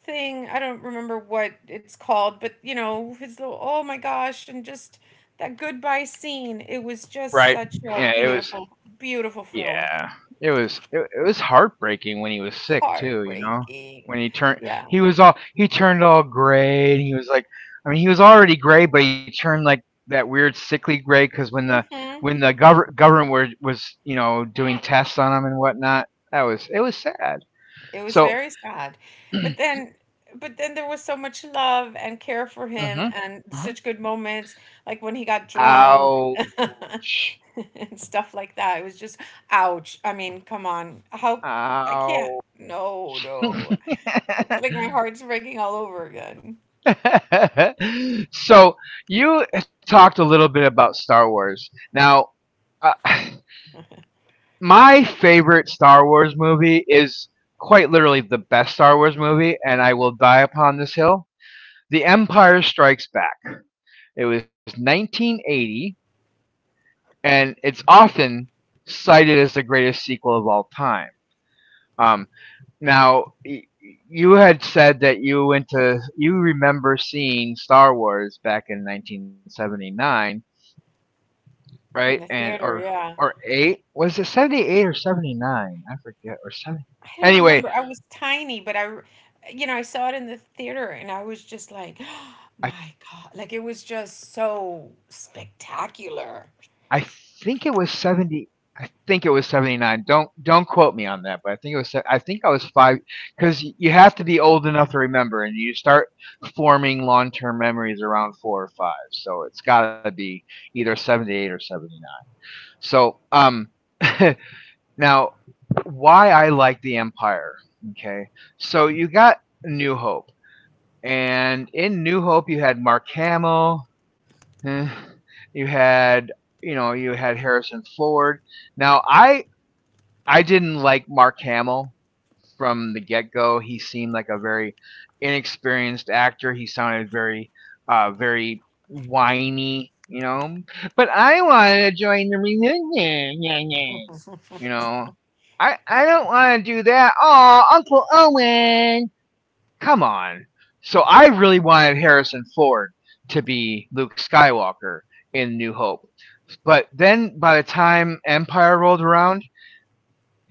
S2: thing. I don't remember what it's called, but his little oh my gosh, and just that goodbye scene. It was just
S1: Right.
S2: such a
S1: Yeah, it was
S2: beautiful, beautiful film.
S1: Yeah, it was heartbreaking when he was sick too, you know?
S2: Heartbreaking.
S1: When he turned
S2: Yeah.
S1: he was all he turned all gray and he was like I mean, he was already gray, but he turned like that weird sickly gray because
S2: hmm
S1: when the government were was, you know, doing tests on him and whatnot, that was it was sad.
S2: It was
S1: So
S2: very sad. But then but then there was so much love and care for him
S1: Mhm,
S2: and
S1: mhm.
S2: such good moments, like when he got drunk
S1: Ouch.
S2: and stuff like that. It was just ouch. I mean, come on. How I can't.
S1: Ow.
S2: No, no. It's like my heart's breaking all over again
S1: so you talked a little bit about Star Wars. Now, uh, my favorite Star Wars movie is quite literally the best Star Wars movie, and I will die upon this hill. The Empire Strikes Back. It was 1980, and it's often cited as the greatest sequel of all time. Um, now, y- you had said that you went to, you remember seeing Star Wars back in 1979. Right?
S2: in the
S1: And
S2: theater. Yeah.
S1: or eight was it 78 or 79? I forget. Or seven.
S2: I don't
S1: Anyway,
S2: remember. I was tiny, but you know, I saw it in the theater and I was just like,
S1: I
S2: my God. Like it was just so spectacular.
S1: I think it was 70. I think it was 79. Don't quote me on that, but I think it was. I think I was five because you have to be old enough to remember, and you start forming long term memories around four or five. So it's got to be either 78 or 79. So now why I like the Empire. Okay, so you got New Hope and in New Hope, you had Mark Hamill. eh, You had, you know, you had Harrison Ford. Now, I didn't like Mark Hamill from the get go. He seemed like a very inexperienced actor. He sounded very, very whiny, you know. But I want to join the reunion. Yeah, yeah. You know, I don't want to do that. Oh, Uncle Owen. Come on. So I really wanted Harrison Ford to be Luke Skywalker in New Hope. But then by the time Empire rolled around,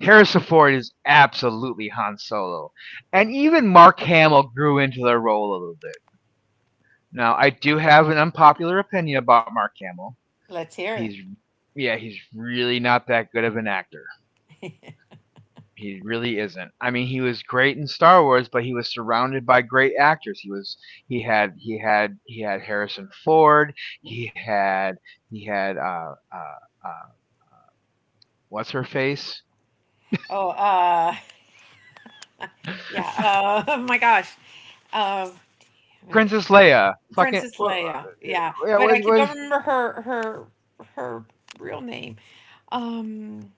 S1: Harrison Ford is absolutely Han Solo. And even Mark Hamill grew into the role a little bit. Now, I do have an unpopular opinion about Mark Hamill.
S2: Let's hear it.
S1: He's yeah, he's really not that good of an actor. He really isn't. I mean, he was great in Star Wars, but he was surrounded by great actors. He had he had Harrison Ford. He had he had uh uh, uh what's her face?
S2: Oh, yeah. Oh my gosh. Um, Wait,
S1: Princess Leia. Fucking
S2: Princess
S1: wha-
S2: Leia. Yeah.
S1: yeah,
S2: But
S1: was
S2: I can don't
S1: was
S2: remember her, her real name. Um,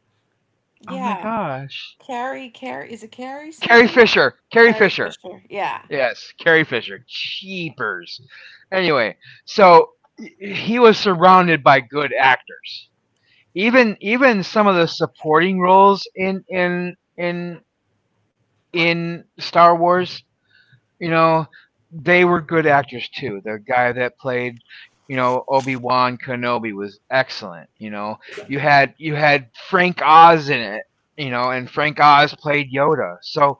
S1: oh my
S2: yeah.
S1: gosh.
S2: Carrie, Carrie, is it Carrie
S1: Carrie
S2: something?
S1: Fisher. Carrie
S2: Carrie
S1: Fisher.
S2: Fisher. Yeah,
S1: Yes, Carrie Fisher. Cheapers. Anyway, so he was surrounded by good actors. Even some of the supporting roles in Star Wars, you know, they were good actors too. The guy that played, you know, Obi Wan Kenobi was excellent. You know, you had Frank Oz in it. You know, and Frank Oz played Yoda. So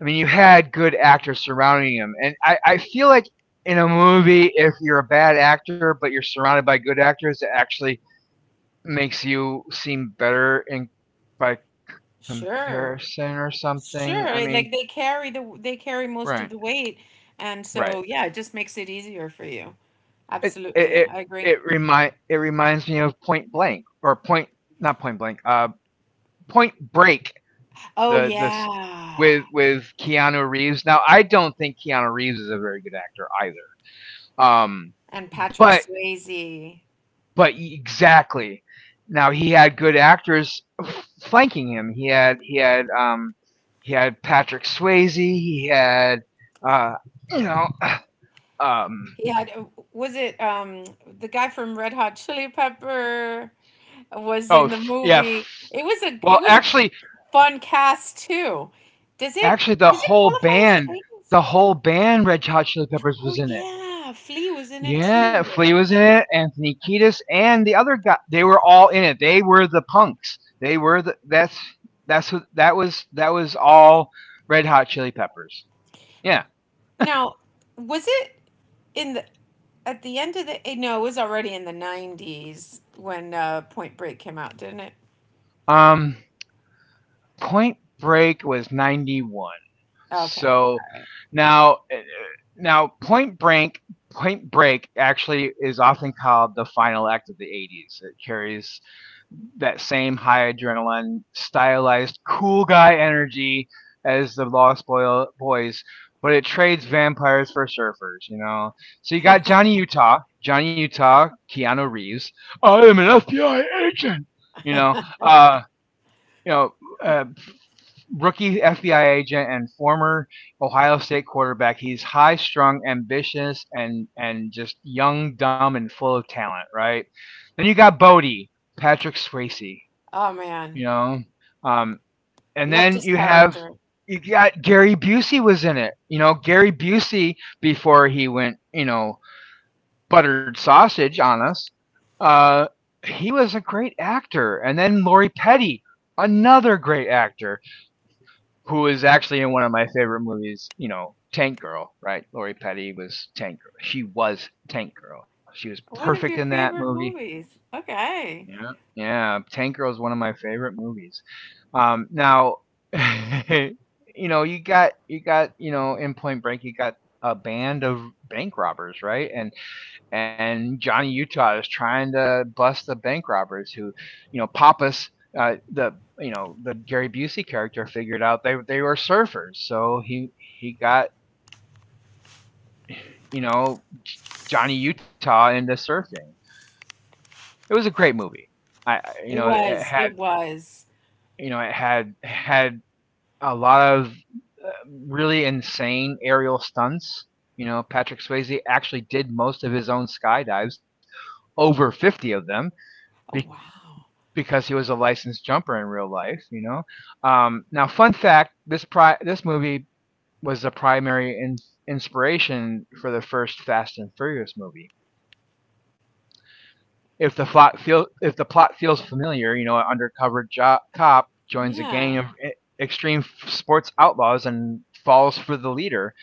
S1: I mean, you had good actors surrounding him, and I feel like in a movie, if you're a bad actor but you're surrounded by good actors, it actually makes you seem better in by
S2: sure,
S1: comparison or something.
S2: sure.
S1: I
S2: Like
S1: mean,
S2: they carry most of the
S1: right.
S2: weight, and so
S1: Right.
S2: yeah, it just makes it easier for you.
S1: It it
S2: Absolutely,
S1: it,
S2: I agree.
S1: it reminds me of Point Blank or Point not Point Blank. Point Break.
S2: Oh
S1: The this
S2: yeah,
S1: With Keanu Reeves. Now I don't think Keanu Reeves is a very good actor either. Um,
S2: and Patrick
S1: but
S2: Swayze.
S1: Exactly. Now he had good actors flanking him. He had Patrick Swayze. He had uh you know um
S2: He had, was it the guy from Red Hot Chili Pepper was
S1: oh
S2: in the
S1: yeah.
S2: movie. It was a it
S1: Well,
S2: was a
S1: actually,
S2: fun cast too. Does it
S1: actually
S2: does it qualify as the eighties?
S1: the whole band, Red Hot Chili Peppers
S2: Oh
S1: was in it.
S2: yeah, Flea was in it
S1: Yeah, Flea
S2: too.
S1: was in it. Anthony Kiedis and the other guy. They were all in it. They were the punks. They were the that's what that was all Red Hot Chili Peppers. Yeah.
S2: Now, was it in the at the end of the, no, it was already in the 90s when, Point Break came out, didn't it?
S1: Um, Point Break was '91.
S2: Okay. All
S1: So
S2: right.
S1: now, now Point Break, Point Break actually is often called the final act of the 80s. It carries that same high adrenaline, stylized cool guy energy as the Lost Boy, Boys, but it trades vampires for surfers, you know. So you got Johnny Utah, Johnny Utah, Keanu Reeves. I am an FBI agent. You know, uh, you know, uh, rookie FBI agent and former Ohio State quarterback. He's high strung, ambitious, and just young, dumb, and full of talent. Right. Then you got Bodie, Patrick Swayze.
S2: Oh man,
S1: You know, um, and
S2: loved
S1: then
S2: his
S1: you have
S2: character.
S1: you got Gary Busey was in it. You know, Gary Busey before he went, you know, buttered sausage on us. Uh, he was a great actor, and then Lori Petty, another great actor who is actually in one of my favorite movies, you know, Tank Girl, right? Lori Petty was Tank Girl. She was Tank Girl. She was
S2: One
S1: perfect
S2: of
S1: in
S2: your
S1: that
S2: favorite
S1: movie.
S2: movies. Okay.
S1: Yeah. Yeah, Tank Girl is one of my favorite movies. Now, you know, you got you know in Point Break, you got a band of bank robbers, right? And Johnny Utah is trying to bust the bank robbers who, you know, Pappas, the you know the Gary Busey character figured out they were surfers, so he got you know Johnny Utah into surfing. It was a great movie. I you
S2: It
S1: know it
S2: was.
S1: had
S2: It was.
S1: You know it had had a lot of uh, really insane aerial stunts. You know, Patrick Swayze actually did most of his own skydives, over 50 of them, be-
S2: Oh wow.
S1: because he was a licensed jumper in real life, you know. Now, fun fact: this movie was the primary inspiration for the first Fast and Furious movie. If the plot feels familiar, you know, an undercover cop joins a gang
S2: Yeah.
S1: of extreme sports outlaws and falls for the leader.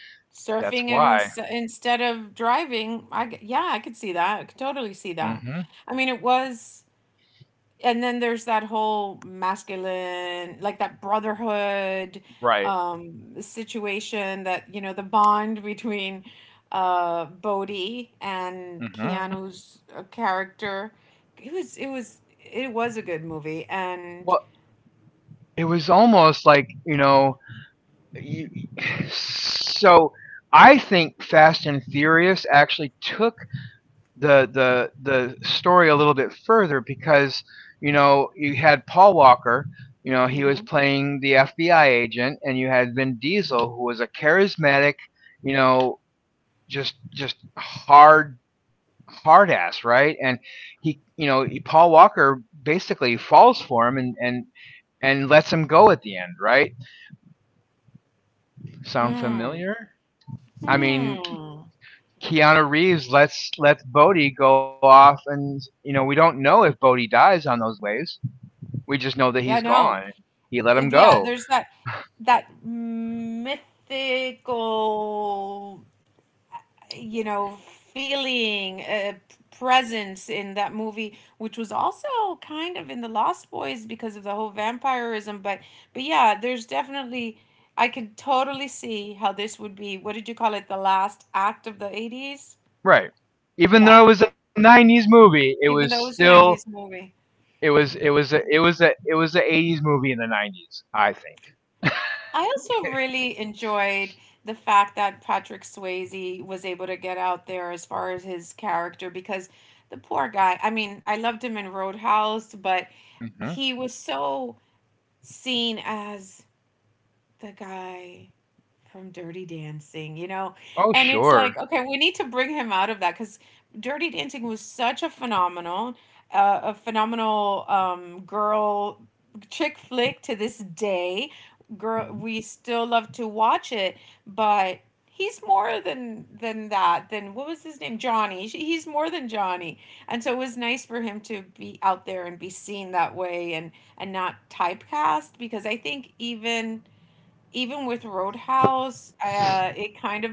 S1: That's
S2: Surfing and
S1: why.
S2: instead of driving, yeah, I could see that. I could totally see
S1: Hmm
S2: that. I mean, it was and then there's that whole masculine like that brotherhood
S1: Right.
S2: situation that the bond between Bodhi and
S1: hmm
S2: Keanu's character, it was it was a good movie and
S1: Well, it was almost like you know you, so I think Fast and Furious actually took the story a little bit further because you know you had Paul Walker, you know he was
S2: Mhm.
S1: playing the FBI agent, and you had Vin Diesel who was a charismatic, you know just just hard ass, right? And he you know he- Paul Walker basically falls for him, and and lets him go at the end, right? Sound
S2: Hmm.
S1: familiar? I mean,
S2: Hmm.
S1: Keanu Reeves lets Bodhi go off, and you know we don't know if Bodhi dies on those waves. We just know that
S2: Yeah,
S1: he's
S2: no.
S1: gone. He let him
S2: Yeah, there's
S1: go.
S2: that mythical, you know, feeling, presence in that movie, which was also kind of in The Lost Boys because of the whole vampirism. But yeah, there's definitely I can totally see how this would be. What did you call it? The last act of the 80s.
S1: Right. Even
S2: Yeah,
S1: though it was a '90s movie, it
S2: even
S1: was
S2: though it was a
S1: still
S2: nineties movie.
S1: it was a, it was a it was a '80s movie in the '90s, I think.
S2: I also really enjoyed the fact that Patrick Swayze was able to get out there as far as his character because the poor guy, I mean, I loved him in Roadhouse, but
S1: Mm-hmm.
S2: he was so seen as the guy from Dirty Dancing, you know? And
S1: Oh
S2: it's like, okay,
S1: sure.
S2: we need to bring him out of that because Dirty Dancing was such a phenomenal girl chick flick to this day. Girl,
S1: Mm-hmm.
S2: we still love to watch it, but he's more than that. Than what was his name, Johnny? He's more than Johnny, and so it was nice for him to be out there and be seen that way, and not typecast because I think even with Roadhouse, it kind of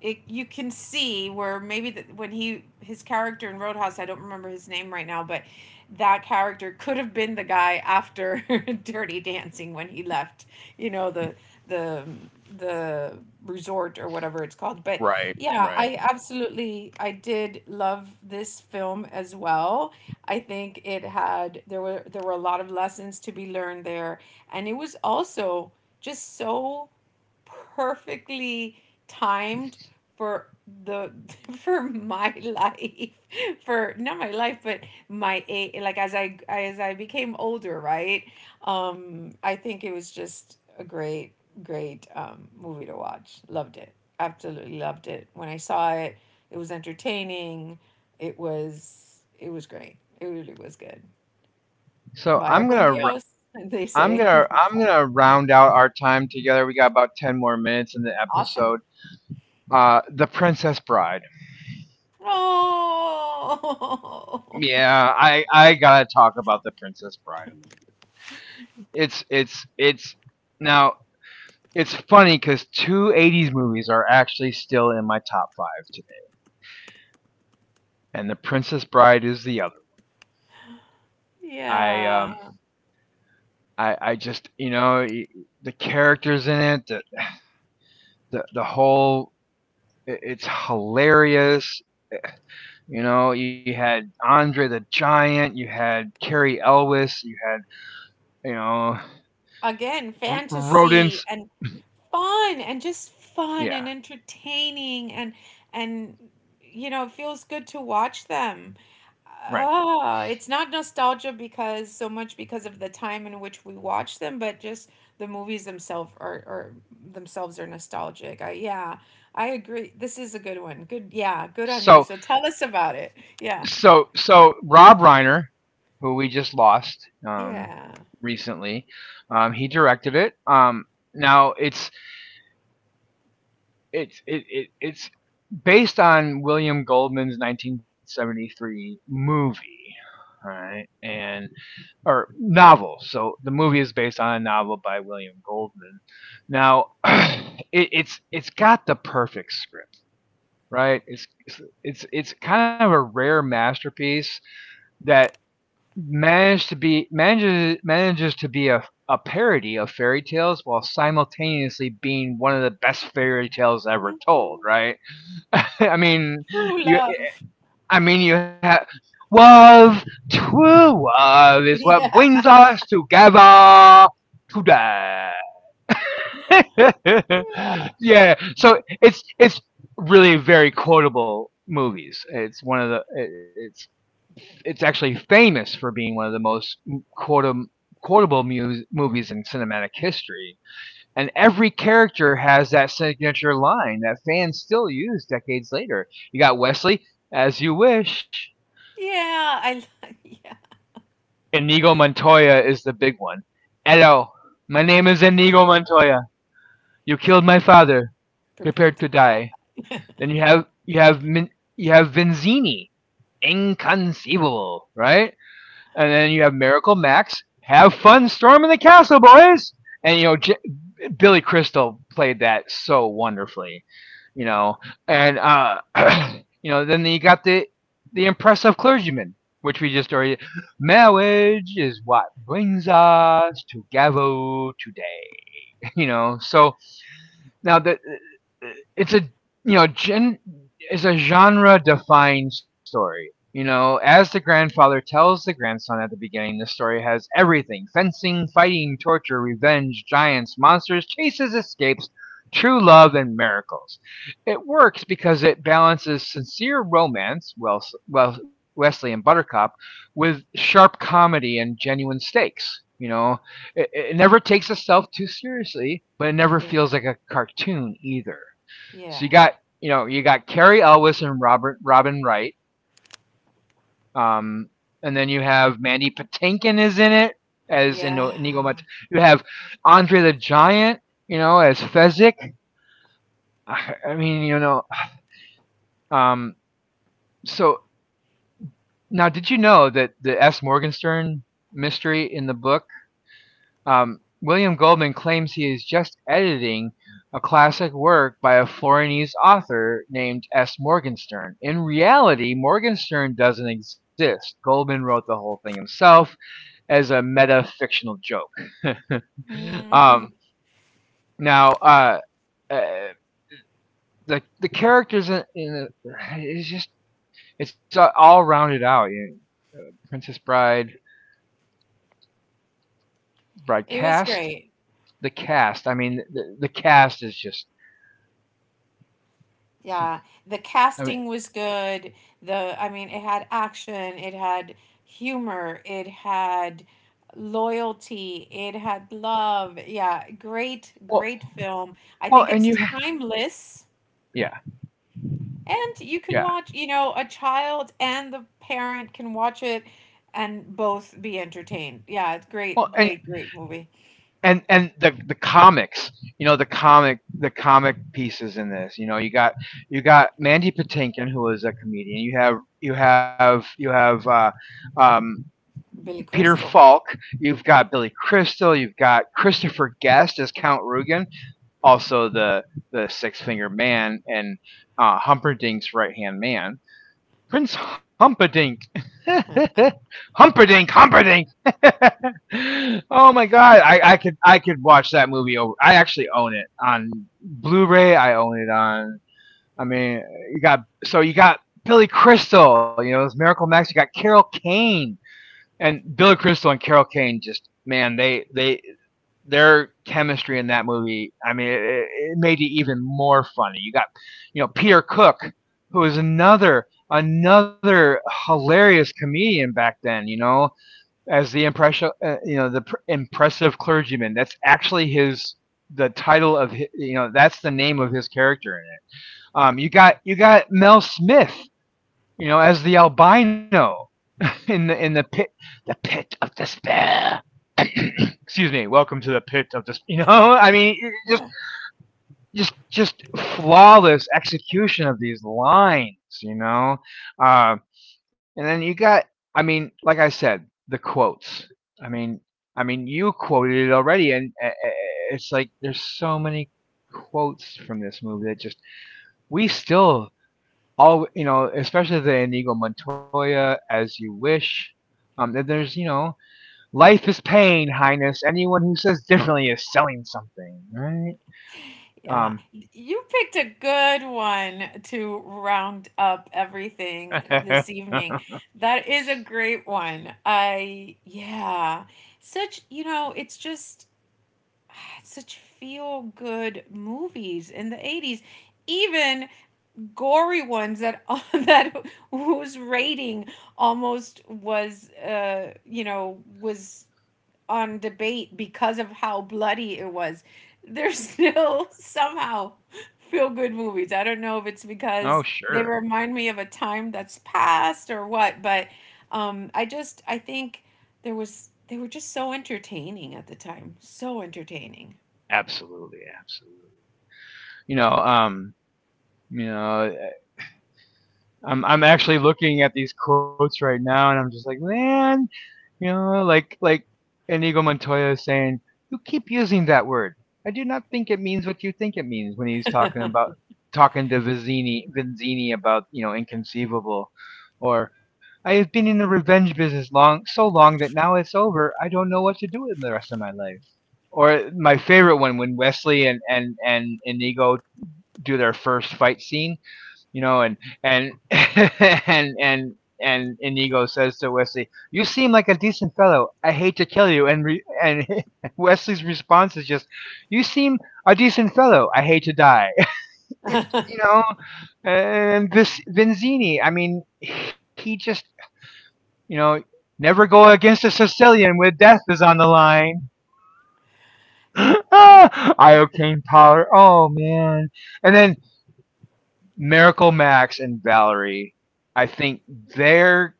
S2: it you can see where maybe when he his character in Roadhouse, I don't remember his name right now, but that character could have been the guy after Dirty Dancing when he left, you know, the the resort or whatever it's called. But
S1: Right,
S2: yeah, I
S1: right.
S2: absolutely I did love this film as well. I think it had there were a lot of lessons to be learned there, and it was also just so perfectly timed for the for my life, for not my life, but my a like as I became older. Right. I think it was just a great, great movie to watch, loved it, absolutely loved it when I saw it. It was entertaining, it was great. It really was good.
S1: So
S2: Vaya
S1: I'm gonna
S2: con
S1: i am
S2: Dios, they
S1: I'm
S2: say.
S1: gonna round out our time together. We got about ten more minutes in the
S2: Awesome.
S1: episode. The Princess Bride.
S2: Oh,
S1: Yeah, I gotta talk about the Princess Bride a little bit. It's it's it's now it's funny because two '80s movies are actually still in my top five today, and the Princess Bride is the other. I
S2: yeah.
S1: um I just the characters in it, the whole it's hilarious. You know, you had Andre the Giant, you had Carrie Elwes, you had you know
S2: Again, fantasy
S1: rodents.
S2: and fun and just fun and
S1: Yeah,
S2: entertaining, and you know, it feels good to watch them.
S1: right.
S2: Oh, it's not nostalgia because so much because of the time in which we watch them, but just the movies themselves are themselves are nostalgic. Yeah, I agree. This is a good one. Good, yeah, good on you. So
S1: So
S2: tell us about it. Yeah,
S1: so so Rob Reiner, who we just lost um,
S2: yeah.
S1: recently, he directed it. Now it's it's based on William Goldman's 1973 movie, right? And or novel. So the movie is based on a novel by William Goldman. Now it's got the perfect script, right? It's kind of a rare masterpiece that managed to be manages manages to be a parody of fairy tales while simultaneously being one of the best fairy tales ever
S2: Mhm.
S1: told, right? I mean
S2: True
S1: you
S2: love.
S1: you have love. True love is what
S2: Yeah.
S1: brings us together today.
S2: Yeah.
S1: Yeah. So it's really very quotable movies. It's it's actually famous for being one of the most quotam- quotable movies in cinematic history. And every character has that signature line that fans still use decades later. You got Wesley, as you wish.
S2: Yeah. Yeah.
S1: Inigo Montoya is the big one. Hello, my name is Inigo Montoya. You killed my father. Prepare
S2: Prepared to
S1: to
S2: die.
S1: die. Then you have Min, you have Vinzini, inconceivable, right? And then you have Miracle Max. Have fun storming the castle, boys. And Billy Crystal played that so wonderfully, you know. And you know then you got the impressive clergyman, which we just already. Marriage is what brings us together today, you know. So now the it's a you know gen is a genre defined story. You know, as the grandfather tells the grandson at the beginning, the story has everything: fencing, fighting, torture, revenge, giants, monsters, chases, escapes, true love, and miracles. It works because it balances sincere romance, Wesley and Buttercup, with sharp comedy and genuine stakes. You know, it never takes itself too seriously, but it never
S2: Yeah.
S1: feels like a cartoon either. So you
S2: Yeah.
S1: got Carrie Elwes and Robert Robin Wright, um, and then you have Mandy Patinkin is in it as in Inigo Mat-
S2: Yeah.
S1: You have Andre the Giant, you know, as Fezzik. You know, um, so now did you know that the S. Morgenstern mystery in the book William Goldman claims he is just editing a classic work by a Florentine author named S. Morgenstern. In reality, Morgenstern doesn't exist. Goldman wrote the whole thing himself as a meta fictional joke.
S2: Mhm.
S1: um, now, uh, uh, the characters in the, it's just it's all rounded out. You know, Princess Bride, Bride
S2: It was
S1: cast,
S2: great.
S1: the cast. I mean, the cast is just.
S2: Yeah. The
S1: I mean,
S2: casting was good. The I mean, it had action, it had humor, it had loyalty, it had love. Yeah, great,
S1: well,
S2: great film. I
S1: Well,
S2: think
S1: and
S2: it's
S1: you
S2: timeless.
S1: yeah
S2: And you can
S1: yeah.
S2: watch, a child and the parent can watch it and both be entertained. Yeah, it's
S1: Well,
S2: great, great, great movie.
S1: and the comics, you know, the comic pieces in this, you know, you got Mandy Patinkin who is a comedian. You have you have you have um,
S2: Billy
S1: Peter
S2: Crystal.
S1: Falk. You've
S2: Yeah.
S1: got Billy Crystal. You've got Christopher Guest as Count Rugen, also the Six Finger Man and Humperdinck's right hand man. Prince Humperdinck. Humperdinck, Humperdinck. Oh my god, I could I could watch that movie over. I actually own it on Blu-ray. I own it on. I mean, you got Billy Crystal. You know, it's Miracle Max. You got Carol Kane and Billy Crystal and Carol Kane. Just man, they their chemistry in that movie. I mean, it made it even more funny. You got, you know, Peter Cook, who is another hilarious comedian back then. You know, as the impression, you know, the impressive clergyman. That's actually his the title of his you know that's the name of his character in it. You got Mel Smith, you know, as the albino in the pit of despair. Excuse me. Welcome to the pit of despair. You know, I mean, just
S2: Yeah.
S1: just just flawless execution of these lines. You know, uh, and then you got. I mean, like I said, the quotes. I mean, you quoted it already, and it's like there's so many quotes from this movie that just we still all you know, especially the Inigo Montoya, "As You Wish." Then there's you know life is pain, Highness. Anyone who says differently is selling something, right?
S2: Yeah.
S1: Um,
S2: You picked a good one to round up everything this evening. That is a great one. Yeah. It's just had such feel good movies in the 80s, even gory ones that that whose rating almost was you know was on debate because of how bloody it was. There's still somehow feel good movies. I don't know if it's
S1: oh
S2: because they
S1: sure,
S2: remind me of a time that's past or what, but I think there was they were just so entertaining at the time, so entertaining.
S1: absolutely, absolutely. You know, um, you know, I'm actually looking at these quotes right now, and I'm just like, man, you know, like Enigo Montoya is saying, you keep using that word. I do not think it means what you think it means when he's talking about talking to Vizzini about you know inconceivable, or I have been in the revenge business long so long that now it's over. I don't know what to do with the rest of my life. Or my favorite one when Wesley and Inigo do their first fight scene you know, and and Inigo says to Wesley, "You seem like a decent fellow. I hate to kill you." And Wesley's response is just, "You seem a decent fellow. I hate to die." It, you know, and this Vinzini, I mean, he just, you know, never go against a Sicilian when death is on the line. ah, I obtain power. Oh man! And then Miracle Max and Valerie, I think their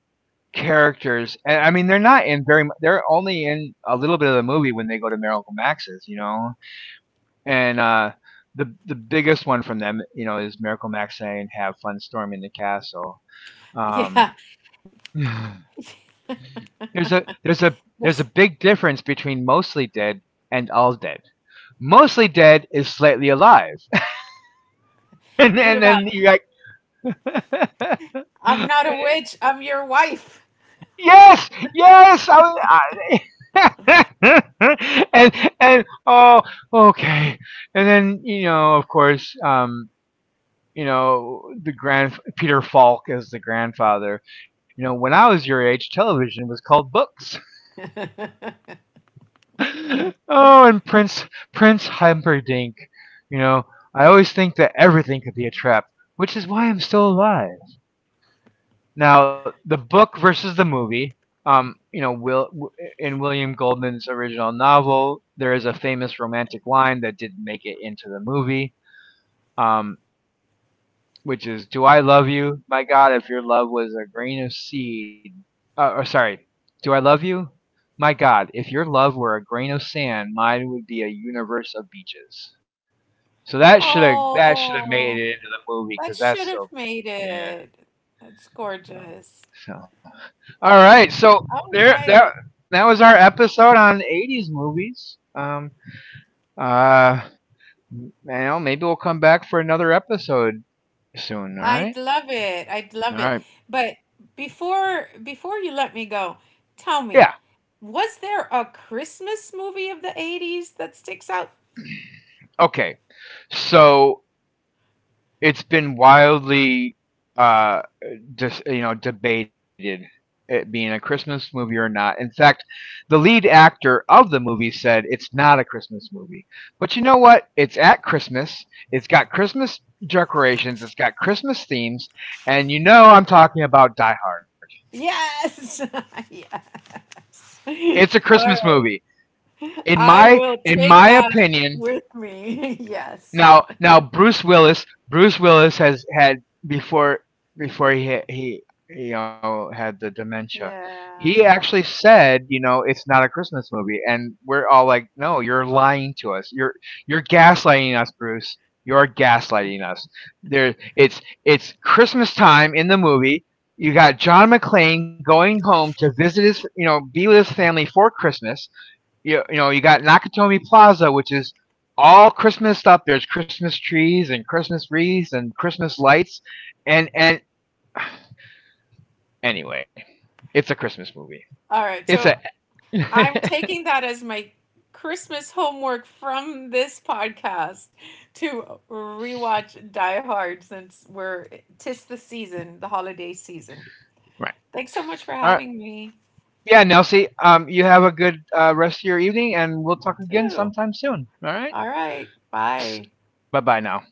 S1: characters, and I mean, they're not in very, they're only in a little bit of the movie when they go to Miracle Max's, you know, and the biggest one from them, you know, is Miracle Max saying, "Have fun storming the castle." Um,
S2: Yeah.
S1: there's a there's a there's a
S2: There's,
S1: big difference between mostly dead and all dead. Mostly dead is slightly alive, and
S2: what about
S1: then you are
S2: "I'm
S1: like.
S2: not a witch, I'm your wife."
S1: Yes, yes. I was, I, and and oh, okay. And then you know, of course, you know, the grand Peter Falk as the grandfather. You know, when I was your age, television was called books. Oh, and Prince Humperdinck. You know, I always think that everything could be a trap, which is why I'm still alive. Now, the book versus the movie. You know, in William Goldman's original novel, there is a famous romantic line that didn't make it into the movie, um, which is, "Do I love you? My God, if your love was a grain of seed, or sorry, do I love you? My God, if your love were a grain of sand, mine would be a universe of beaches." So that should have
S2: Oh,
S1: made it into the movie
S2: that
S1: because
S2: should
S1: that's
S2: have
S1: so
S2: made
S1: yeah.
S2: it. That's gorgeous.
S1: So, all right. So
S2: All
S1: there, that
S2: right.
S1: was our episode on '80s movies. Uh, you know, maybe we'll come back for another episode soon. All
S2: I'd
S1: right.
S2: love it. I'd
S1: All
S2: love it.
S1: right.
S2: But before you let me go, tell
S1: Yeah.
S2: me, was there a Christmas movie of the 80s that sticks out?
S1: Okay. So it's been wildly uh just you know debated it being a Christmas movie or not. In fact, the lead actor of the movie said it's not a Christmas movie. But you know what? It's at Christmas. It's got Christmas decorations. It's got Christmas themes, and you know I'm talking about Die Hard.
S2: Yes. Yes.
S1: It's a
S2: All
S1: Christmas
S2: right.
S1: movie. In
S2: I
S1: my
S2: will
S1: in
S2: take
S1: my
S2: that
S1: opinion,
S2: with me. Yes.
S1: now, Bruce Willis has had before before he you know had the dementia. He
S2: Yeah.
S1: actually said, you know, it's not a Christmas movie, and we're all like, no, you're lying to us. You're gaslighting us, Bruce. You're gaslighting us. There, it's Christmas time in the movie. You got John McClane going home to visit his, you know, be with his family for Christmas. You got Nakatomi Plaza, which is all Christmas stuff. There's Christmas trees and Christmas wreaths and Christmas lights, and anyway, it's a Christmas movie.
S2: All right.
S1: It's
S2: So
S1: a
S2: I'm
S1: right.
S2: taking that as my Christmas homework from this podcast to rewatch Die Hard since we're tis the season, the holiday season. Thanks so much for
S1: All right.
S2: having me.
S1: Yeah, Nelsie. You have a good rest of your evening, and we'll
S2: You
S1: talk again
S2: too.
S1: sometime soon. All right.
S2: All right. Bye.
S1: Bye bye now.